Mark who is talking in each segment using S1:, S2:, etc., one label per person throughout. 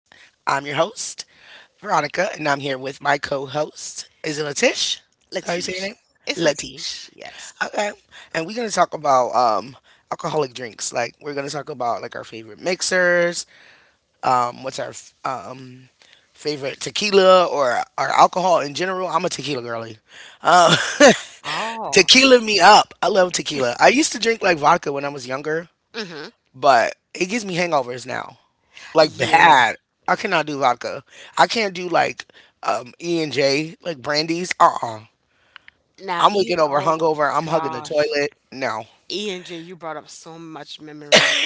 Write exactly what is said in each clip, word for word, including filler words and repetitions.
S1: I'm your host, Veronica, and I'm here with my co host. Is it Latish? Is that how you say your name?
S2: Latish. It's
S1: Latish.
S2: Latish. Yes.
S1: Okay. And we're going to talk about um, alcoholic drinks. Like, we're going to talk about like our favorite mixers, um, what's our f- um, favorite tequila or our alcohol in general. I'm a tequila girlie. Uh,
S2: Oh,
S1: Tequila me up. I love tequila. I used to drink like vodka when I was younger,
S2: hmm
S1: but it gives me hangovers now, like
S2: yeah.
S1: bad. I cannot do vodka. I can't do like um E and J, like brandies. Uh uh-uh. uh. I
S2: Now,
S1: am waking
S2: E,
S1: over
S2: oh
S1: hungover. I'm hugging the
S2: gosh.
S1: toilet. No,
S2: E and J, you brought up so much memories.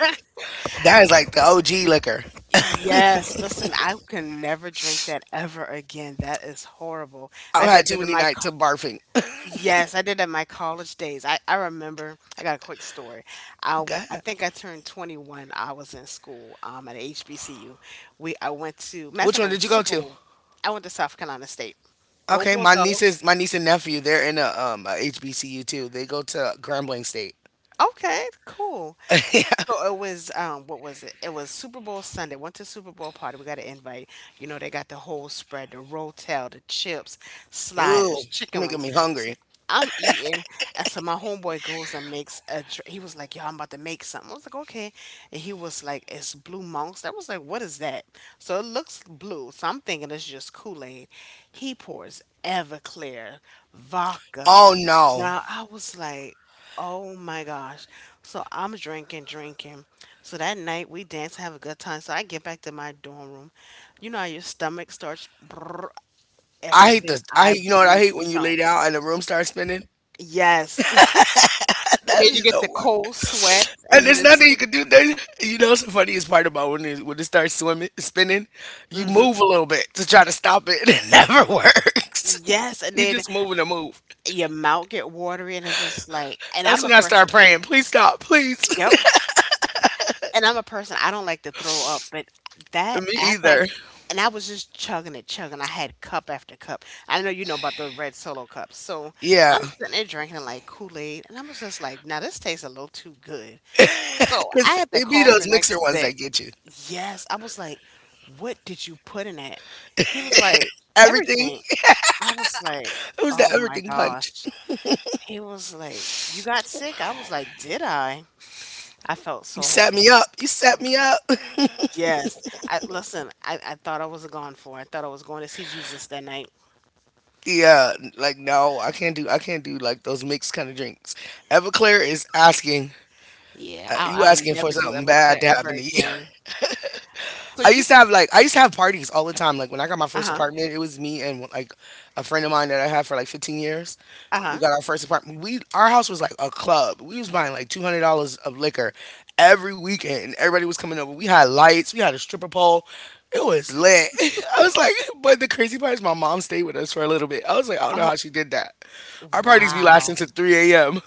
S1: that is like the O G liquor.
S2: Yes, listen, I can never drink that ever again. That is horrible.
S1: I've
S2: I
S1: had
S2: did
S1: too
S2: that in
S1: many
S2: my
S1: nights
S2: car.
S1: of barfing.
S2: Yes, I did that in my college days. I, I remember, I got a quick story. I, w- I
S1: God,
S2: think I turned twenty-one. I was in school um, at H B C U. We I went to, matter of
S1: which
S2: fact,
S1: one
S2: it
S1: did
S2: was
S1: you go
S2: Super
S1: to?
S2: Bowl. I went to South Carolina State. Go
S1: Okay, my
S2: Bulldogs.
S1: niece's my niece and nephew. They're in a um a H B C U too. They go to Grambling State.
S2: Okay, cool. So it was um what was it? It was Super Bowl Sunday. Went to Super Bowl party. We got an invite. You know, they got the whole spread, the rotel, the chips,
S1: Ooh,
S2: sliders, chicken
S1: making
S2: wings.
S1: me
S2: So
S1: hungry.
S2: I'm eating. And so my homeboy goes and makes a dr- he was like, "Yo, I'm about to make something." I was like, "Okay." And he was like, "It's blue monks." I was like, "What is that?" So it looks blue. So I'm thinking it's just Kool-Aid. He pours Everclear, vodka,
S1: Oh no.
S2: Brown. I was like, oh my gosh. So I'm drinking, drinking. So that night we dance, have a good time. So I get back to my dorm room. You know how your stomach starts brrr,
S1: I hate
S2: everything.
S1: the I
S2: I
S1: hate, you know what I
S2: blew
S1: hate when you lay
S2: chunks.
S1: down and the room starts spinning.
S2: Yes. And
S1: That'd
S2: then
S1: be
S2: you get
S1: so
S2: the cold
S1: much.
S2: sweats and
S1: And
S2: you
S1: there's
S2: just
S1: nothing you can do. There. You know, what's the funniest part about when it, when it starts swimming, spinning, you
S2: hmm
S1: move a little bit to try to stop it, and it never works.
S2: yes, and
S1: You
S2: then
S1: just moving to move.
S2: your mouth get watery and it's just like and
S1: That's
S2: I'm a
S1: when I
S2: person.
S1: start praying. Please stop, please.
S2: Yep. And I'm a person, I don't like to throw up, but that
S1: Me
S2: after I
S1: either.
S2: and I was just chugging it, chugging. I had cup after cup. I know you know about the red solo cups. So
S1: Yeah,
S2: I'm sitting there drinking it like Kool-Aid, and I was just like, now this tastes a little too good. So I
S1: because
S2: had to
S1: it be
S2: call him
S1: those
S2: the
S1: mixer
S2: next
S1: ones
S2: day.
S1: that get you.
S2: Yes, I was like, what did you put in it? He was like,
S1: Everything.
S2: everything. I was like,
S1: It was the
S2: oh my
S1: everything punch.
S2: gosh. He was like, "You got sick?" I was like, "Did I?" I felt
S1: You
S2: so
S1: set me
S2: horrible.
S1: up. You set me up.
S2: Yes. I listen, I, I thought I was gone for. I thought I was going to see Jesus that night.
S1: Yeah, like no, I can't do. I can't do like those mixed kind of drinks. Everclear is asking.
S2: Yeah,
S1: Uh,
S2: I'll
S1: you
S2: I'll
S1: asking for
S2: never do
S1: something bad
S2: Everclear
S1: to
S2: ever
S1: happen to you.
S2: again. So
S1: I
S2: you,
S1: used to
S2: s-
S1: have like I used to have parties all the time. Like when I got my first
S2: Uh-huh.
S1: apartment, it was me and like a friend of mine that I had for like fifteen years. We
S2: Uh-huh.
S1: got our first apartment. We Our house was like a club. We was buying like two hundred dollars of liquor every weekend. And everybody was coming over. We had lights. We had a stripper pole. It
S2: Oh,
S1: was lit. I was like, but the crazy part is my mom stayed with us for a little bit. I was like, I don't know
S2: oh,
S1: how she did that. Our parties be
S2: wow.
S1: lasting to three a m.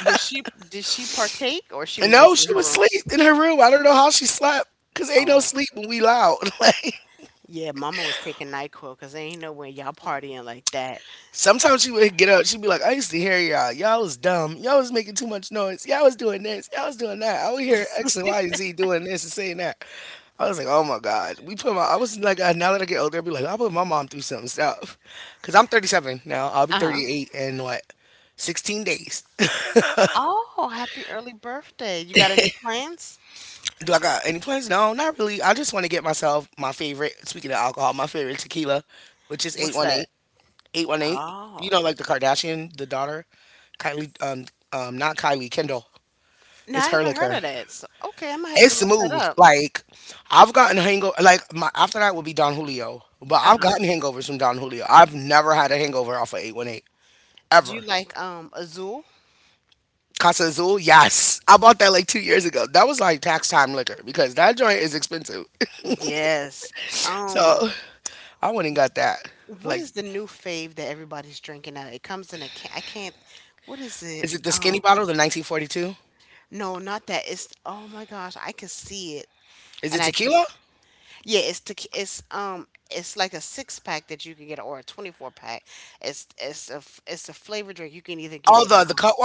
S2: Was she did she partake or she
S1: And
S2: was
S1: no,
S2: just in
S1: she
S2: her
S1: was
S2: room?
S1: asleep in her room. I don't know how she slept. Cause ain't no
S2: Oh.
S1: sleep when we loud. Like.
S2: Yeah, mama was taking NyQuil because ain't no way y'all partying like that.
S1: Sometimes she would get up. She'd be like, "I used to hear y'all. Y'all was dumb. Y'all was making too much noise. Y'all was doing this. Y'all was doing that. I would hear X and Y and Z doing this and saying that." I was like, "Oh my God." We put my. I was like, uh, now that I get older, I'd be like, "I put my mom through some stuff," because I'm thirty-seven now. I'll be
S2: Uh-huh.
S1: thirty-eight in what, sixteen days.
S2: Oh, happy early birthday. You got any plans?
S1: Do I got any plans? No, not really. I just want to get myself my favorite. Speaking of alcohol, my favorite tequila, which is
S2: What's that?
S1: eight one eight. eight one eight. You know,
S2: Oh.
S1: like the Kardashian, the daughter, Kylie, um, um, not Kylie, Kendall.
S2: No,
S1: It's
S2: I
S1: her
S2: haven't heard
S1: liquor.
S2: of that. So okay, I'm gonna have to
S1: It's
S2: look that
S1: smooth.
S2: up.
S1: Like, I've gotten hangover. Like, my, after that would be Don Julio. But
S2: Uh
S1: I've
S2: huh.
S1: gotten hangovers from Don Julio. I've never had a hangover off of eight one eight,
S2: Do
S1: ever.
S2: you like um Azul?
S1: Casa Azul, yes. I bought that like two years ago. That was like tax time liquor because that joint is expensive.
S2: Yes.
S1: So
S2: Um,
S1: I went and got that.
S2: what
S1: Like,
S2: is the new fave that everybody's drinking now? It comes in a can. I can't. What is it?
S1: is it the skinny
S2: Oh
S1: bottle, the nineteen forty-two?
S2: no, not that. It's oh my gosh, I can see it,
S1: Is it
S2: and I
S1: tequila?
S2: just yeah. It's to it's um it's like a six pack that you can get or a twenty four pack. It's it's a f- it's a flavor drink. You can either get
S1: All
S2: it.
S1: the the
S2: Um,
S1: cut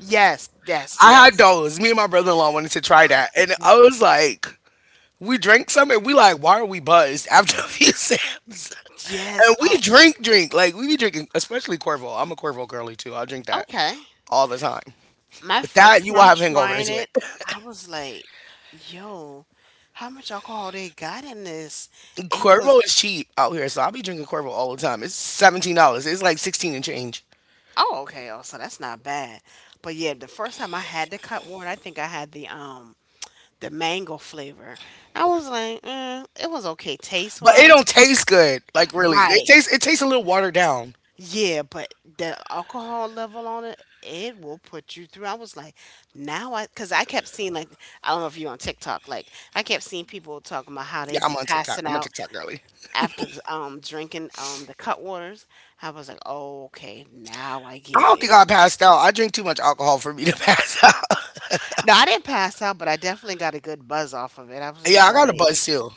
S2: Yes, yes,
S1: I had
S2: yes,
S1: those. Me and my brother in law wanted to try that. And I was like, we drank some and we like, why are we buzzed after a few sips?
S2: yes.
S1: And
S2: Oh,
S1: we drink, drink. Like, we be drinking, especially Corvo. I'm a Corvo girly too. I drink that
S2: okay.
S1: all the time.
S2: My
S1: But that
S2: first
S1: you will
S2: time
S1: have
S2: trying
S1: hangovers with.
S2: it, I was like, yo, how much alcohol they got in this? It was,
S1: Corvo is cheap out here, so I'll be drinking Corvo all the time. It's seventeen dollars. It's like sixteen and change.
S2: oh, okay, oh, so that's not bad. But yeah, the first time I had the cut water, I think I had the, um, the mango flavor. I was like, mm, it was okay taste
S1: But it
S2: wise.
S1: don't taste good. Like really. It
S2: Right.
S1: tastes it tastes a little watered down.
S2: Yeah, but the alcohol level on it, it will put you through. I was like, now I, because I kept seeing, like, I don't know if you're on TikTok, like, I kept seeing people talking about how they
S1: Yeah, I'm
S2: be
S1: on TikTok.
S2: passing
S1: I'm a
S2: out
S1: TikTok girly.
S2: after um drinking um the cut waters, I was like, oh, okay, now I
S1: I
S2: get
S1: don't think
S2: it.
S1: I passed out. I drink too much alcohol for me to pass out.
S2: No, I didn't pass out, but I definitely got a good buzz off of it. I was
S1: Yeah,
S2: just
S1: I got a buzz
S2: like,
S1: too.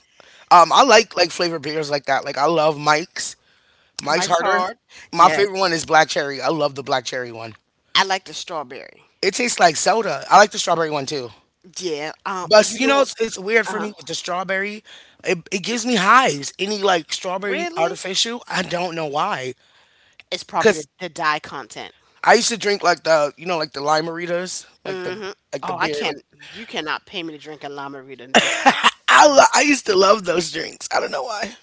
S1: Um, I like like flavored beers like that. Like I love Mike's. Mike's
S2: Mike's
S1: harder.
S2: hard.
S1: My
S2: Yes,
S1: favorite one is black cherry. I love the black cherry one.
S2: I like the strawberry.
S1: It tastes like soda. I like the strawberry one too.
S2: Yeah. Um,
S1: But
S2: you
S1: you
S2: know
S1: know,
S2: what?
S1: it's, it's weird
S2: Uh
S1: for
S2: huh.
S1: me with the strawberry. It, it gives me hives. Any like strawberry
S2: Really?
S1: artificial, I don't know why.
S2: It's probably
S1: Cause
S2: the, the dye content.
S1: I used to drink like the you know like the limeritas, like the
S2: Mm-hmm.
S1: like the
S2: Oh, I
S1: beer. Like
S2: can't. You cannot pay me to drink a lime Rita this.
S1: I lo- I used to love those drinks. I don't know why.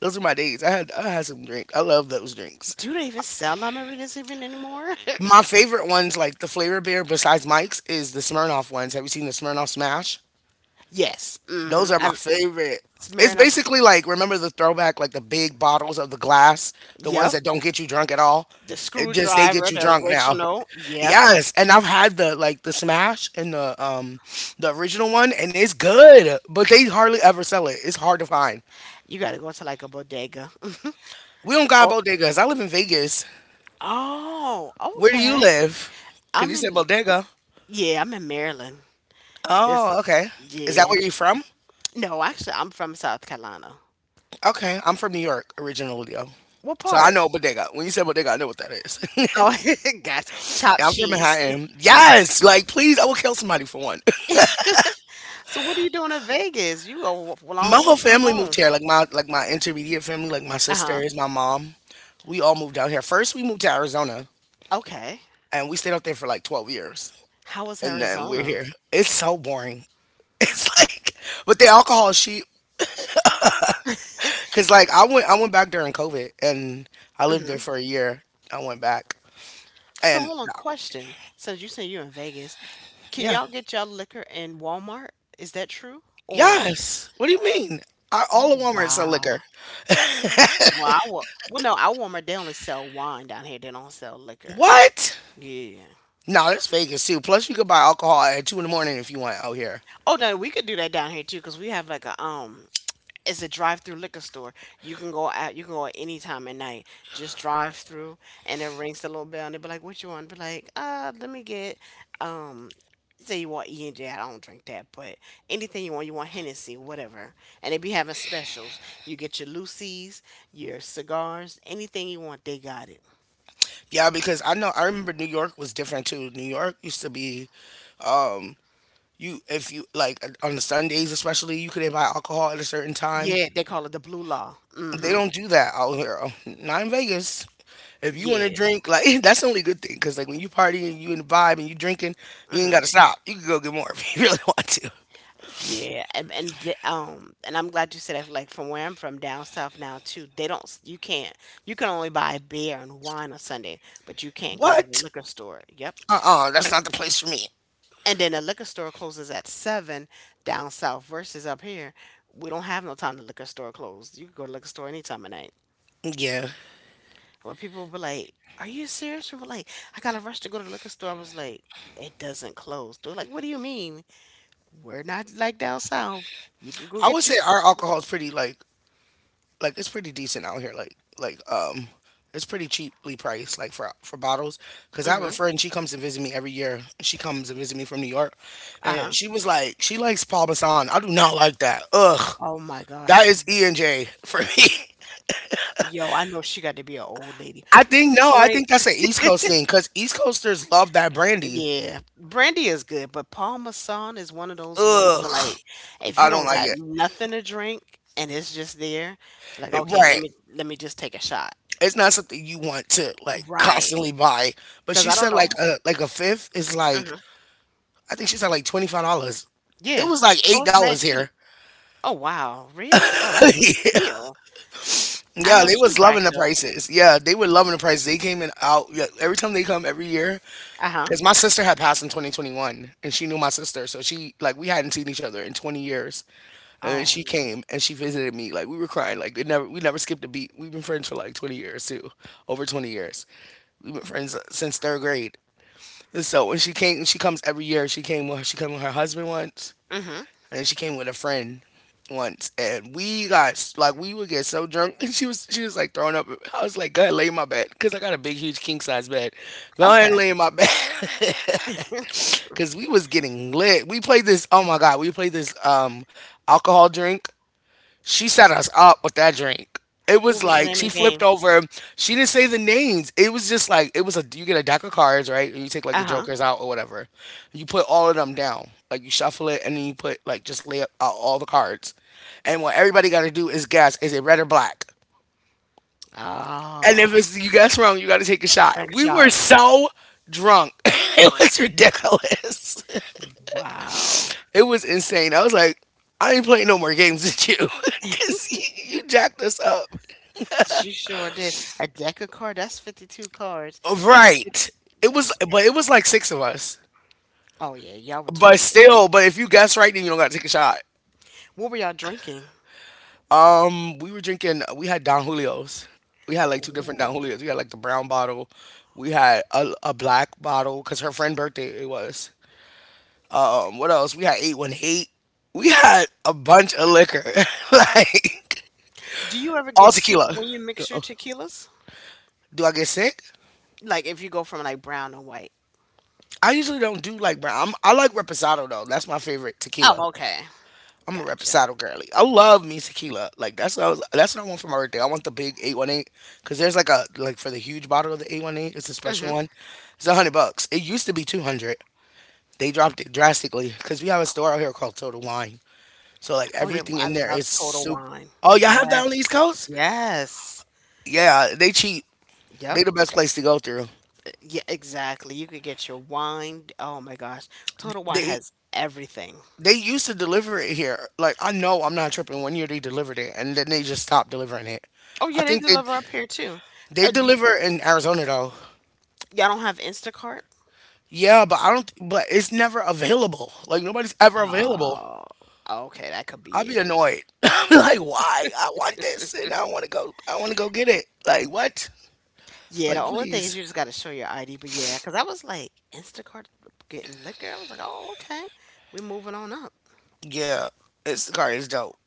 S1: Those are my days. I had I had some drink. I love those drinks.
S2: Do they even sell lime Ritas even anymore?
S1: My favorite ones, like the Flavor beer besides Mike's, is the Smirnoff ones. Have you seen the Smirnoff Smash?
S2: Yes.
S1: Those
S2: Mm-hmm.
S1: are my
S2: I
S1: favorite. It's
S2: Smirnoff.
S1: basically like remember the throwback, like the big bottles of the glass, the ones
S2: Yep.
S1: that don't get you drunk at all.
S2: The
S1: It just they get
S2: screwdriver,
S1: you
S2: the
S1: drunk now.
S2: original. Yep.
S1: Yes, and I've had the like the Smash and the um the original one, and it's good, but they hardly ever sell it. It's hard to find.
S2: You gotta go to like a bodega.
S1: We don't got
S2: Oh,
S1: bodegas. I live in Vegas.
S2: oh,
S1: Where do you
S2: okay.
S1: live? Cause
S2: I'm
S1: you said
S2: in,
S1: bodega.
S2: yeah, I'm in Maryland. This,
S1: Oh, okay. Is that
S2: yeah.
S1: where you
S2: j-
S1: from?
S2: No, actually, I'm from South Carolina.
S1: Okay, I'm from New York originally, though.
S2: What
S1: So I
S2: part?
S1: know bodega. When you say bodega, I know what that is.
S2: Oh, gotcha. Chopped
S1: I'm from
S2: cheese.
S1: Manhattan. Yes, like please, I will kill somebody for one.
S2: So what are you doing in Vegas? You are a long
S1: My
S2: way
S1: whole
S2: from
S1: family moved
S2: home.
S1: here. Like my like my intermediate family, like my
S2: Uh-huh.
S1: sisters, my mom. We all moved out here. First, we moved to Arizona,
S2: Okay.
S1: and we stayed out there for like twelve years,
S2: How was
S1: and then we're
S2: Arizona?
S1: here. It's so boring. It's like, but the alcohol is cheap. Cause like I went I went back during COVID, and I lived there
S2: hmm
S1: for a year. I went back,
S2: So
S1: and
S2: hold on, question. Since you say you're in Vegas, can
S1: yeah.
S2: y'all get y'all liquor in Walmart? Is that true? Or
S1: Yes. What do you mean? I,
S2: oh
S1: all of Walmart sell
S2: wow.
S1: liquor.
S2: Well, I wa well no, I warmer they only sell wine down here. They don't sell liquor.
S1: What?
S2: Yeah.
S1: No, that's Vegas too. Plus, you could buy alcohol at two in the morning if you want out here.
S2: Oh no, we could do that down here too, cause we have like a um, it's a drive-through liquor store. You can go out, you can go at any time at night. Just drive through, and it rings the little bell, and they be like, "What you want?" Be like, "Uh, let me get um." Say you want E and J, I don't drink that, but anything you want, you want Hennessy, whatever. And they be having specials. You get your Lucy's, your cigars, anything you want, they got it.
S1: Yeah, because I know I remember New York was different too. New York used to be, um, you if you like on the Sundays especially, you couldn't buy alcohol at a certain time.
S2: Yeah, they call it the blue law. Mm
S1: They
S2: hmm
S1: don't do that out here. Not in Vegas. If you want to
S2: Yeah.
S1: drink, like that's the only good thing, because like when you partying, you in the vibe and you drinking,
S2: mm
S1: you ain't
S2: hmm
S1: gotta stop. You can go get more if you really want to.
S2: Yeah. And and the, um and I'm glad you said that. Like from where I'm from, down south now too, they don't. s- You can't. You can only buy beer and wine on Sunday, but you can't go to the
S1: What?
S2: liquor store. Yep.
S1: Uh-uh, that's not the place for me.
S2: And then the liquor store closes at seven down south versus up here. We don't have no time the liquor store closed. You can go to liquor store any time of night.
S1: Yeah.
S2: When people were like, "Are you serious?" We were like, "I got to rush to go to the liquor store." I was like, "It doesn't close." They're like, "What do you mean?" We're not like down south. You could go
S1: I would
S2: get you.
S1: say our alcohol is pretty like like it's pretty decent out here. Like like um it's pretty cheaply priced like for for bottles cuz I have a
S2: Mm-hmm.
S1: friend she comes and visit me every year. She comes and visit me from New York and
S2: Uh-huh.
S1: she was like she likes Paul Masson. I do not like that. Ugh.
S2: Oh my
S1: That
S2: gosh.
S1: is E and J for me.
S2: Yo, I know she got to be an old lady
S1: I
S2: who
S1: think no, I think
S2: drinks.
S1: that's an East Coast thing cuz East Coasters love that brandy.
S2: Yeah, brandy is good, but Parmesan is one of those ones that
S1: Ugh.
S2: like if
S1: I
S2: you
S1: don't
S2: don't
S1: like
S2: got
S1: it.
S2: nothing to drink and it's just there, like
S1: It-
S2: okay, let
S1: Right.
S2: me let me just take a shot.
S1: It's not something you want to like
S2: Right.
S1: constantly buy. But
S2: Because
S1: she
S2: I don't
S1: said like
S2: know.
S1: a like a fifth is like
S2: hmm
S1: I think she said like twenty five dollars. It
S2: Yeah.
S1: was like
S2: Oh,
S1: eight
S2: it's
S1: dollars
S2: mad
S1: here.
S2: cheap. Oh wow, really? Oh, that's a
S1: Yeah,
S2: steal. I
S1: yeah,
S2: know
S1: they
S2: she
S1: was loving the
S2: racked up.
S1: prices. Yeah, they were loving the prices. They came in out yeah, every time they come every year.
S2: Uh-huh.
S1: Cause my sister had passed in twenty twenty-one, and she knew my sister, so she like we hadn't seen each other in twenty years, and then
S2: Oh.
S1: she came and she visited me. Like we were crying. Like it never we never skipped a beat. We've been friends for like twenty years too, over twenty years. We've been friends since third grade. So when she came, she comes every year. She came with she came with her husband once,
S2: Mm-hmm.
S1: and then she came with a friend once, and we got like we would get so drunk, and she was she was like throwing up. I was like, go ahead, lay in my bed, cause I got a big, huge king size bed. Go ahead, and
S2: Okay.
S1: lay in my bed, cause we was getting lit. We played this. Oh my god, we played this um alcohol drink she set us up with that drink. It
S2: What
S1: was
S2: was the
S1: like
S2: name of the
S1: she flipped
S2: game?
S1: over. She didn't say the names. It was just like it was a you get a deck of cards, right? And you take like the
S2: Uh-huh.
S1: jokers out or whatever. You put all of them down. Like you shuffle it and then you put like just lay out all the cards. And what everybody got to do is guess, is it red or black?
S2: Oh,
S1: And if
S2: I
S1: it's you guess wrong, you got to take a shot.
S2: drank a
S1: We were
S2: shot.
S1: so drunk. It was ridiculous.
S2: Wow.
S1: It was insane. I was like, I ain't playing no more games with you, because you, you jacked us up.
S2: She sure did. A deck of cards, that's fifty-two cards. That's fifty
S1: Right. It was, but it was like six of us.
S2: oh yeah, y'all were
S1: But
S2: toasted.
S1: still, but if you guess right, then you don't got to take a shot.
S2: What were y'all drinking?
S1: Um, we were drinking. We had Don Julio's. We had like two different Don
S2: Ooh.
S1: Julio's. We had like the brown bottle. We had a, a black bottle because her friend birthday it was. Um, what else? We had eight one eight. We had a bunch of liquor, like
S2: Do you ever
S1: all
S2: get sick
S1: tequila.
S2: when you mix your tequilas?
S1: Do I get sick?
S2: Like if you go from like brown to white.
S1: I usually don't do like brown. I'm, I like reposado though. That's my favorite tequila.
S2: Oh, okay.
S1: I'm a
S2: Gotcha.
S1: reposado girly. I love me tequila. Like that's what I was. That's what I want for my birthday. I want the big eight one eight, because there's like a like for the huge bottle of the eight one eight. It's a special
S2: hmm
S1: one. It's a hundred bucks. It used to be two hundred. They dropped it drastically because we have a store out here called Total Wine. So like
S2: Oh yeah,
S1: everything
S2: I
S1: in there
S2: love
S1: is
S2: Total
S1: soup.
S2: Wine.
S1: Oh, y'all have
S2: Yeah.
S1: that on the East Coast?
S2: Yes.
S1: Yeah, they cheap.
S2: Yep.
S1: They the best place to go through.
S2: Yeah, exactly. You could get your wine. Oh my gosh, Total Wine
S1: They
S2: has everything.
S1: they used to deliver it here. Like I know I'm not tripping. One year they delivered it and then they just stopped delivering it.
S2: Oh
S1: I
S2: yeah, they
S1: think they
S2: deliver up here too.
S1: they
S2: Uh, do y-
S1: deliver in Arizona though.
S2: y'all don't have Instacart?
S1: Yeah, but I don't. But it's never available. Like nobody's ever available.
S2: Oh, okay, that could be
S1: I'd be
S2: it.
S1: annoyed. I'm like, why? I want this, and I want to go. I want to go get it. Like what?
S2: Yeah, the
S1: Like
S2: only thing is
S1: please.
S2: you just got to show your I D. But yeah, because I was like Instacart getting liquor. I was like, oh okay, we're moving on up.
S1: Yeah, it's the car is dope.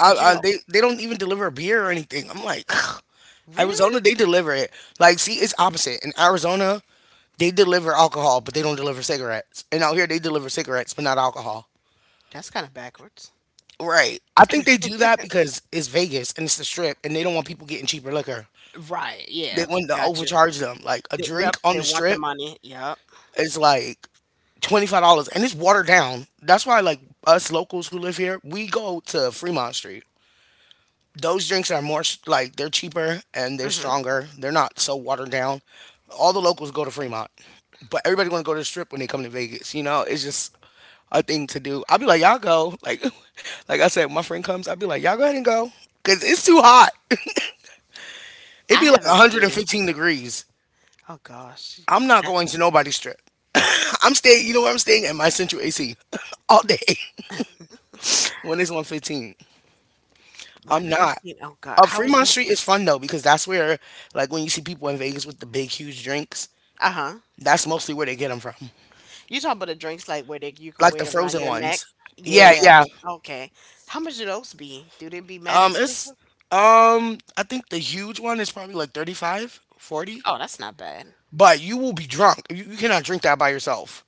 S1: I,
S2: you
S1: I
S2: know,
S1: they they don't even deliver beer or anything. I'm like,
S2: really,
S1: Arizona they deliver it. Like see, it's opposite. In Arizona, they deliver alcohol, but they don't deliver cigarettes. And out here, they deliver cigarettes, but not alcohol.
S2: that's kind of backwards.
S1: Right. I think they do that because it's Vegas and it's the Strip, and they don't want people getting cheaper liquor.
S2: Right?
S1: They
S2: Yeah,
S1: wanted to
S2: gotcha.
S1: overcharge them. Like a
S2: They, yep,
S1: drink on
S2: they
S1: the
S2: want the
S1: strip
S2: money. Yep.
S1: is like twenty five dollars, and it's watered down. That's why like us locals who live here, we go to Fremont Street. Those drinks are more s- like they're cheaper and they're
S2: hmm
S1: stronger. They're not so watered down. All the locals go to Fremont, but everybody want to go to the strip when they come to Vegas. You know, it's just a thing to do. I'll be like, y'all go. Like, like I said, my friend comes. I'll be like, y'all go ahead and go, cause it's too hot. It'd
S2: I
S1: be like
S2: haven't been.
S1: one hundred fifteen degrees.
S2: Oh gosh,
S1: I'm not going to nobody's strip. I'm staying. You know where I'm staying, at my central A C, all day, when it's one fifteen. I'm not.
S2: one fifteen. Oh God.
S1: Uh,
S2: How was
S1: Fremont
S2: that?
S1: Street is fun though, because that's where, like, when you see people in Vegas with the big, huge drinks,
S2: Uh-huh.
S1: that's mostly where they get them from,
S2: You talking about the drinks like where they you can
S1: like the
S2: wear it around
S1: frozen
S2: your neck?
S1: ones. Yeah,
S2: Yeah.
S1: yeah.
S2: Okay. How much do those be? Do they be mad
S1: Um, it's
S2: expensive?
S1: um, I think the huge one is probably like thirty-five, forty.
S2: Oh, that's not bad.
S1: But you will be drunk. You, you cannot drink that by yourself.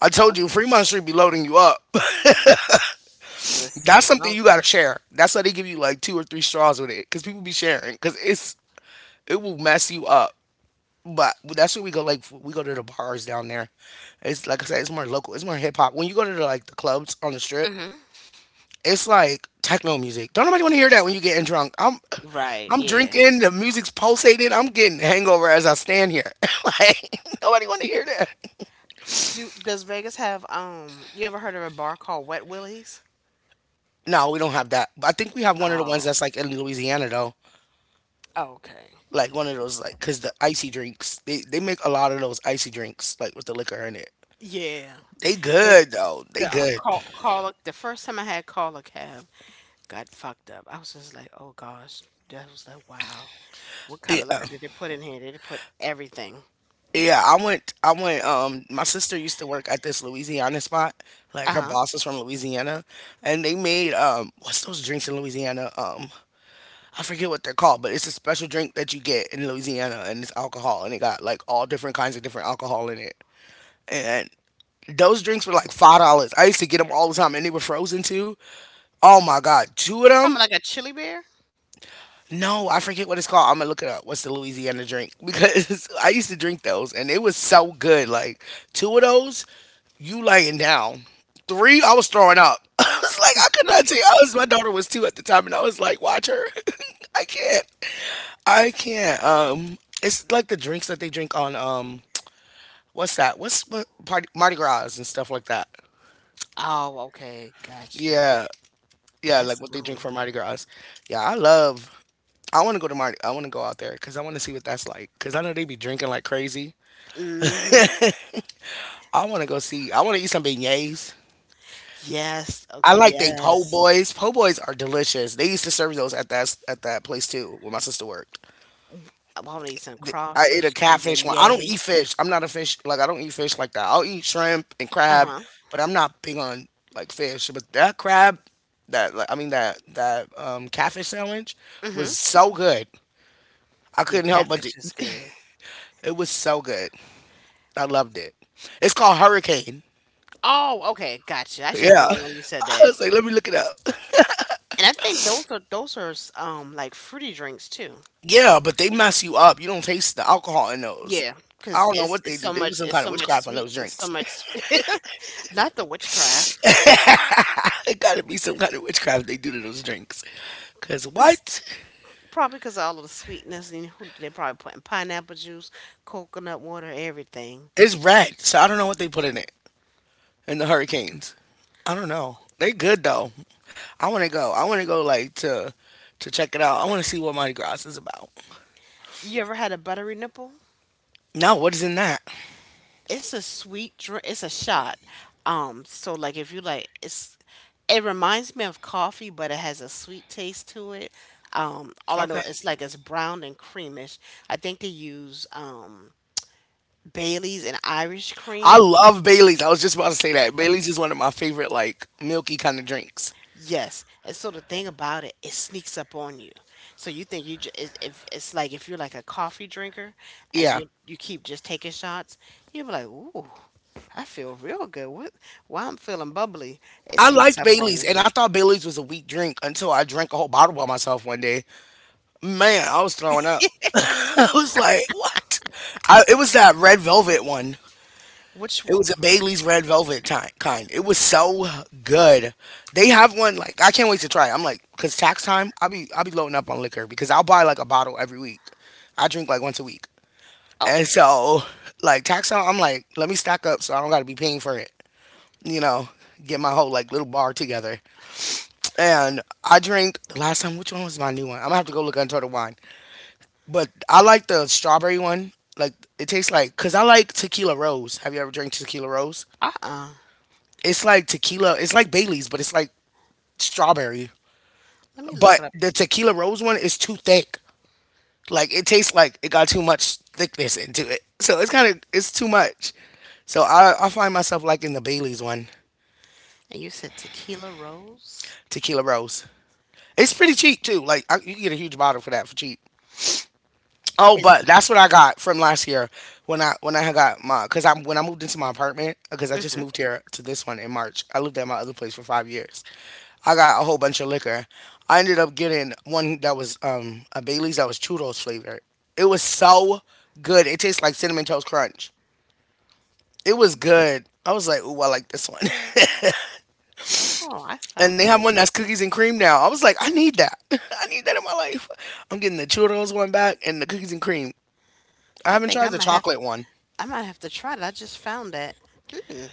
S1: I
S2: Oh,
S1: told you, Fremont Street be loading you up.
S2: listen,
S1: That's
S2: as
S1: something
S2: long
S1: you gotta share. That's why they give you like two or three straws with it, cause people be sharing, cause it's it will mess you up. But that's where we go. Like we go to the bars down there. It's like I said, it's more local. It's more hip hop. When you go to the, like the clubs on the strip,
S2: hmm
S1: it's like techno music. Don't nobody want to hear that when you are getting drunk. I'm,
S2: right,
S1: I'm
S2: yeah.
S1: drinking. The music's pulsating. I'm getting hangover as I stand here. Like nobody want to hear that.
S2: Do does Vegas have um you ever heard of a bar called Wet Willies?
S1: No, we don't have that. But I think we have one of the ones
S2: Oh,
S1: that's like in Louisiana though.
S2: okay.
S1: Like one of those, like because the icy drinks. They they make a lot of those icy drinks like with the liquor in it.
S2: Yeah.
S1: They
S2: The
S1: good though. They
S2: the uh,
S1: good.
S2: call call the first time I had call a cab got fucked up. I was just like, oh gosh, that was like wow. What kind of
S1: Yeah.
S2: liquor did they put in here? They put everything?
S1: Yeah, I went I went um my sister used to work at this Louisiana spot. Like her
S2: Uh-huh.
S1: boss was from Louisiana, and they made, um what's those drinks in Louisiana? Um I forget what they're called, but it's a special drink that you get in Louisiana, and it's alcohol, and it got like all different kinds of different alcohol in it. And those drinks were like five dollars. I used to get them all the time, and they were frozen too. Oh my god, two of
S2: You talking
S1: them?
S2: about like a chili beer?
S1: No, I forget what it's called. I'm gonna look it up. What's the Louisiana drink? Because I used to drink those and it was so good. Like two of those, you laying down. Three, I was throwing up. I was like, I could not take. I was my daughter was two at the time, and I was like, watch her. I can't. I can't. Um, it's like the drinks that they drink on, um, what's that? What's what party, Mardi Gras and stuff like that.
S2: Oh, okay, gotcha.
S1: Yeah, yeah,
S2: That's
S1: like what they drink
S2: um.
S1: for Mardi Gras. Yeah, I love. I want to go to Mardi. I want to go out there because I want to see what that's like. Because I know they be drinking like crazy.
S2: Mm-hmm.
S1: I want to go see. I want to eat some beignets.
S2: Yes. Oh,
S1: I like they po'
S2: yes.
S1: boys. Po' boys are delicious. They used to serve those at that at that place too, where my sister worked.
S2: I want to eat some
S1: The- I ate a
S2: crawfish, some
S1: catfish one. I don't eat
S2: beignets.
S1: fish. I'm not a fish, like I don't eat fish like that. I'll eat shrimp and crab,
S2: Uh-huh.
S1: but I'm not big on like fish. But that crab, that, like, I mean that that um, catfish sandwich
S2: Mm-hmm.
S1: was so good. I
S2: Yeah,
S1: couldn't help but to,
S2: catfish is good.
S1: it was so good. I loved it. It's called Hurricane.
S2: Oh, okay, gotcha. I should have
S1: Yeah.
S2: known when you said
S1: I
S2: that.
S1: was like, let me look it up.
S2: And I think those are those are um like fruity drinks too.
S1: Yeah, but they mess you up. You don't taste the alcohol in those.
S2: Yeah,
S1: I
S2: because
S1: don't know
S2: it's
S1: what they
S2: it's
S1: do.
S2: so
S1: They do
S2: much
S1: some
S2: it's
S1: kind
S2: so
S1: of
S2: much
S1: witchcraft on
S2: sweet
S1: those
S2: it's so
S1: drinks.
S2: much sweet. Not the witchcraft.
S1: It gotta be some kind of witchcraft they do to those drinks. Cause what?
S2: Probably because of all of the sweetness, and who they probably put in pineapple juice, coconut water, everything.
S1: It's red, so I don't know what they put in it. In the hurricanes. I don't know. They good though. I wanna go. I wanna go like to to check it out. I wanna see what Mardi Gras is about.
S2: You ever had a buttery nipple?
S1: No, what is in that?
S2: It's a sweet drink. It's a shot. Um, so like if you like, it's it reminds me of coffee, but it has a sweet taste to it. Um, all I know
S1: Okay.
S2: is like it's brown and creamish. I think they use um Bailey's and Irish
S1: I
S2: cream.
S1: love Bailey's. I was just about to say that. Bailey's is one of my favorite like milky kind of drinks.
S2: Yes, and so the thing about it, it sneaks up on you. So you think you just if it's like if you're like a coffee drinker and
S1: Yeah.
S2: you you keep just taking shots, you'll be like, "Ooh, I feel real good. What? Why I'm feeling bubbly?" It
S1: I
S2: sneaks
S1: like
S2: up on
S1: Bailey's,
S2: you.
S1: and I thought Bailey's was a weak drink until I drank a whole bottle by myself one day. Man, I was throwing up. I was like, what? I, it was that red velvet one.
S2: Which
S1: It
S2: one?
S1: was a Bailey's red velvet ti- kind. It was so good. They have one like I can't wait to try. It. I'm like, cause tax time, I'll be I'll be loading up on liquor because I'll buy like a bottle every week. I drink like once a week,
S2: Oh,
S1: and so like tax time, I'm like, let me stack up so I don't got to be paying for it. You know, get my whole like little bar together. And I drink the last time. Which one was my new one? I'm gonna have to go look under the wine. But I like the strawberry one. Like it tastes like, because I like tequila rose. Have you ever drank tequila rose?
S2: uh-uh.
S1: It's like tequila. It's like Bailey's, but it's like strawberry.
S2: Let me look
S1: But
S2: it up.
S1: the tequila rose one is too thick. Like it tastes like it got too much thickness into it. So it's kind of, it's too much. So I I find myself liking the Bailey's one,
S2: And you said tequila rose
S1: tequila rose. It's pretty cheap too. Like I, you can get a huge bottle for that for cheap. Oh,
S2: is.
S1: but that's what I got from last year when I when I had got my, because I, when I moved into my apartment, because I just
S2: Mhm.
S1: moved here to this one in March. I lived at my other place for five years. I got a whole bunch of liquor. I ended up getting one that was um a Bailey's that was churros flavored. It was so good. It tastes like cinnamon toast crunch. It was good. I was like, ooh, I like this one.
S2: Oh, oh, I
S1: And
S2: found
S1: they have one
S2: it.
S1: that's cookies and cream now. I was like, I need that. I need that in my life. I'm getting the churros one back and the cookies and cream. I
S2: I
S1: haven't
S2: think I
S1: tried the
S2: might have
S1: chocolate one.
S2: I might have to try it. I just found that. Hmm.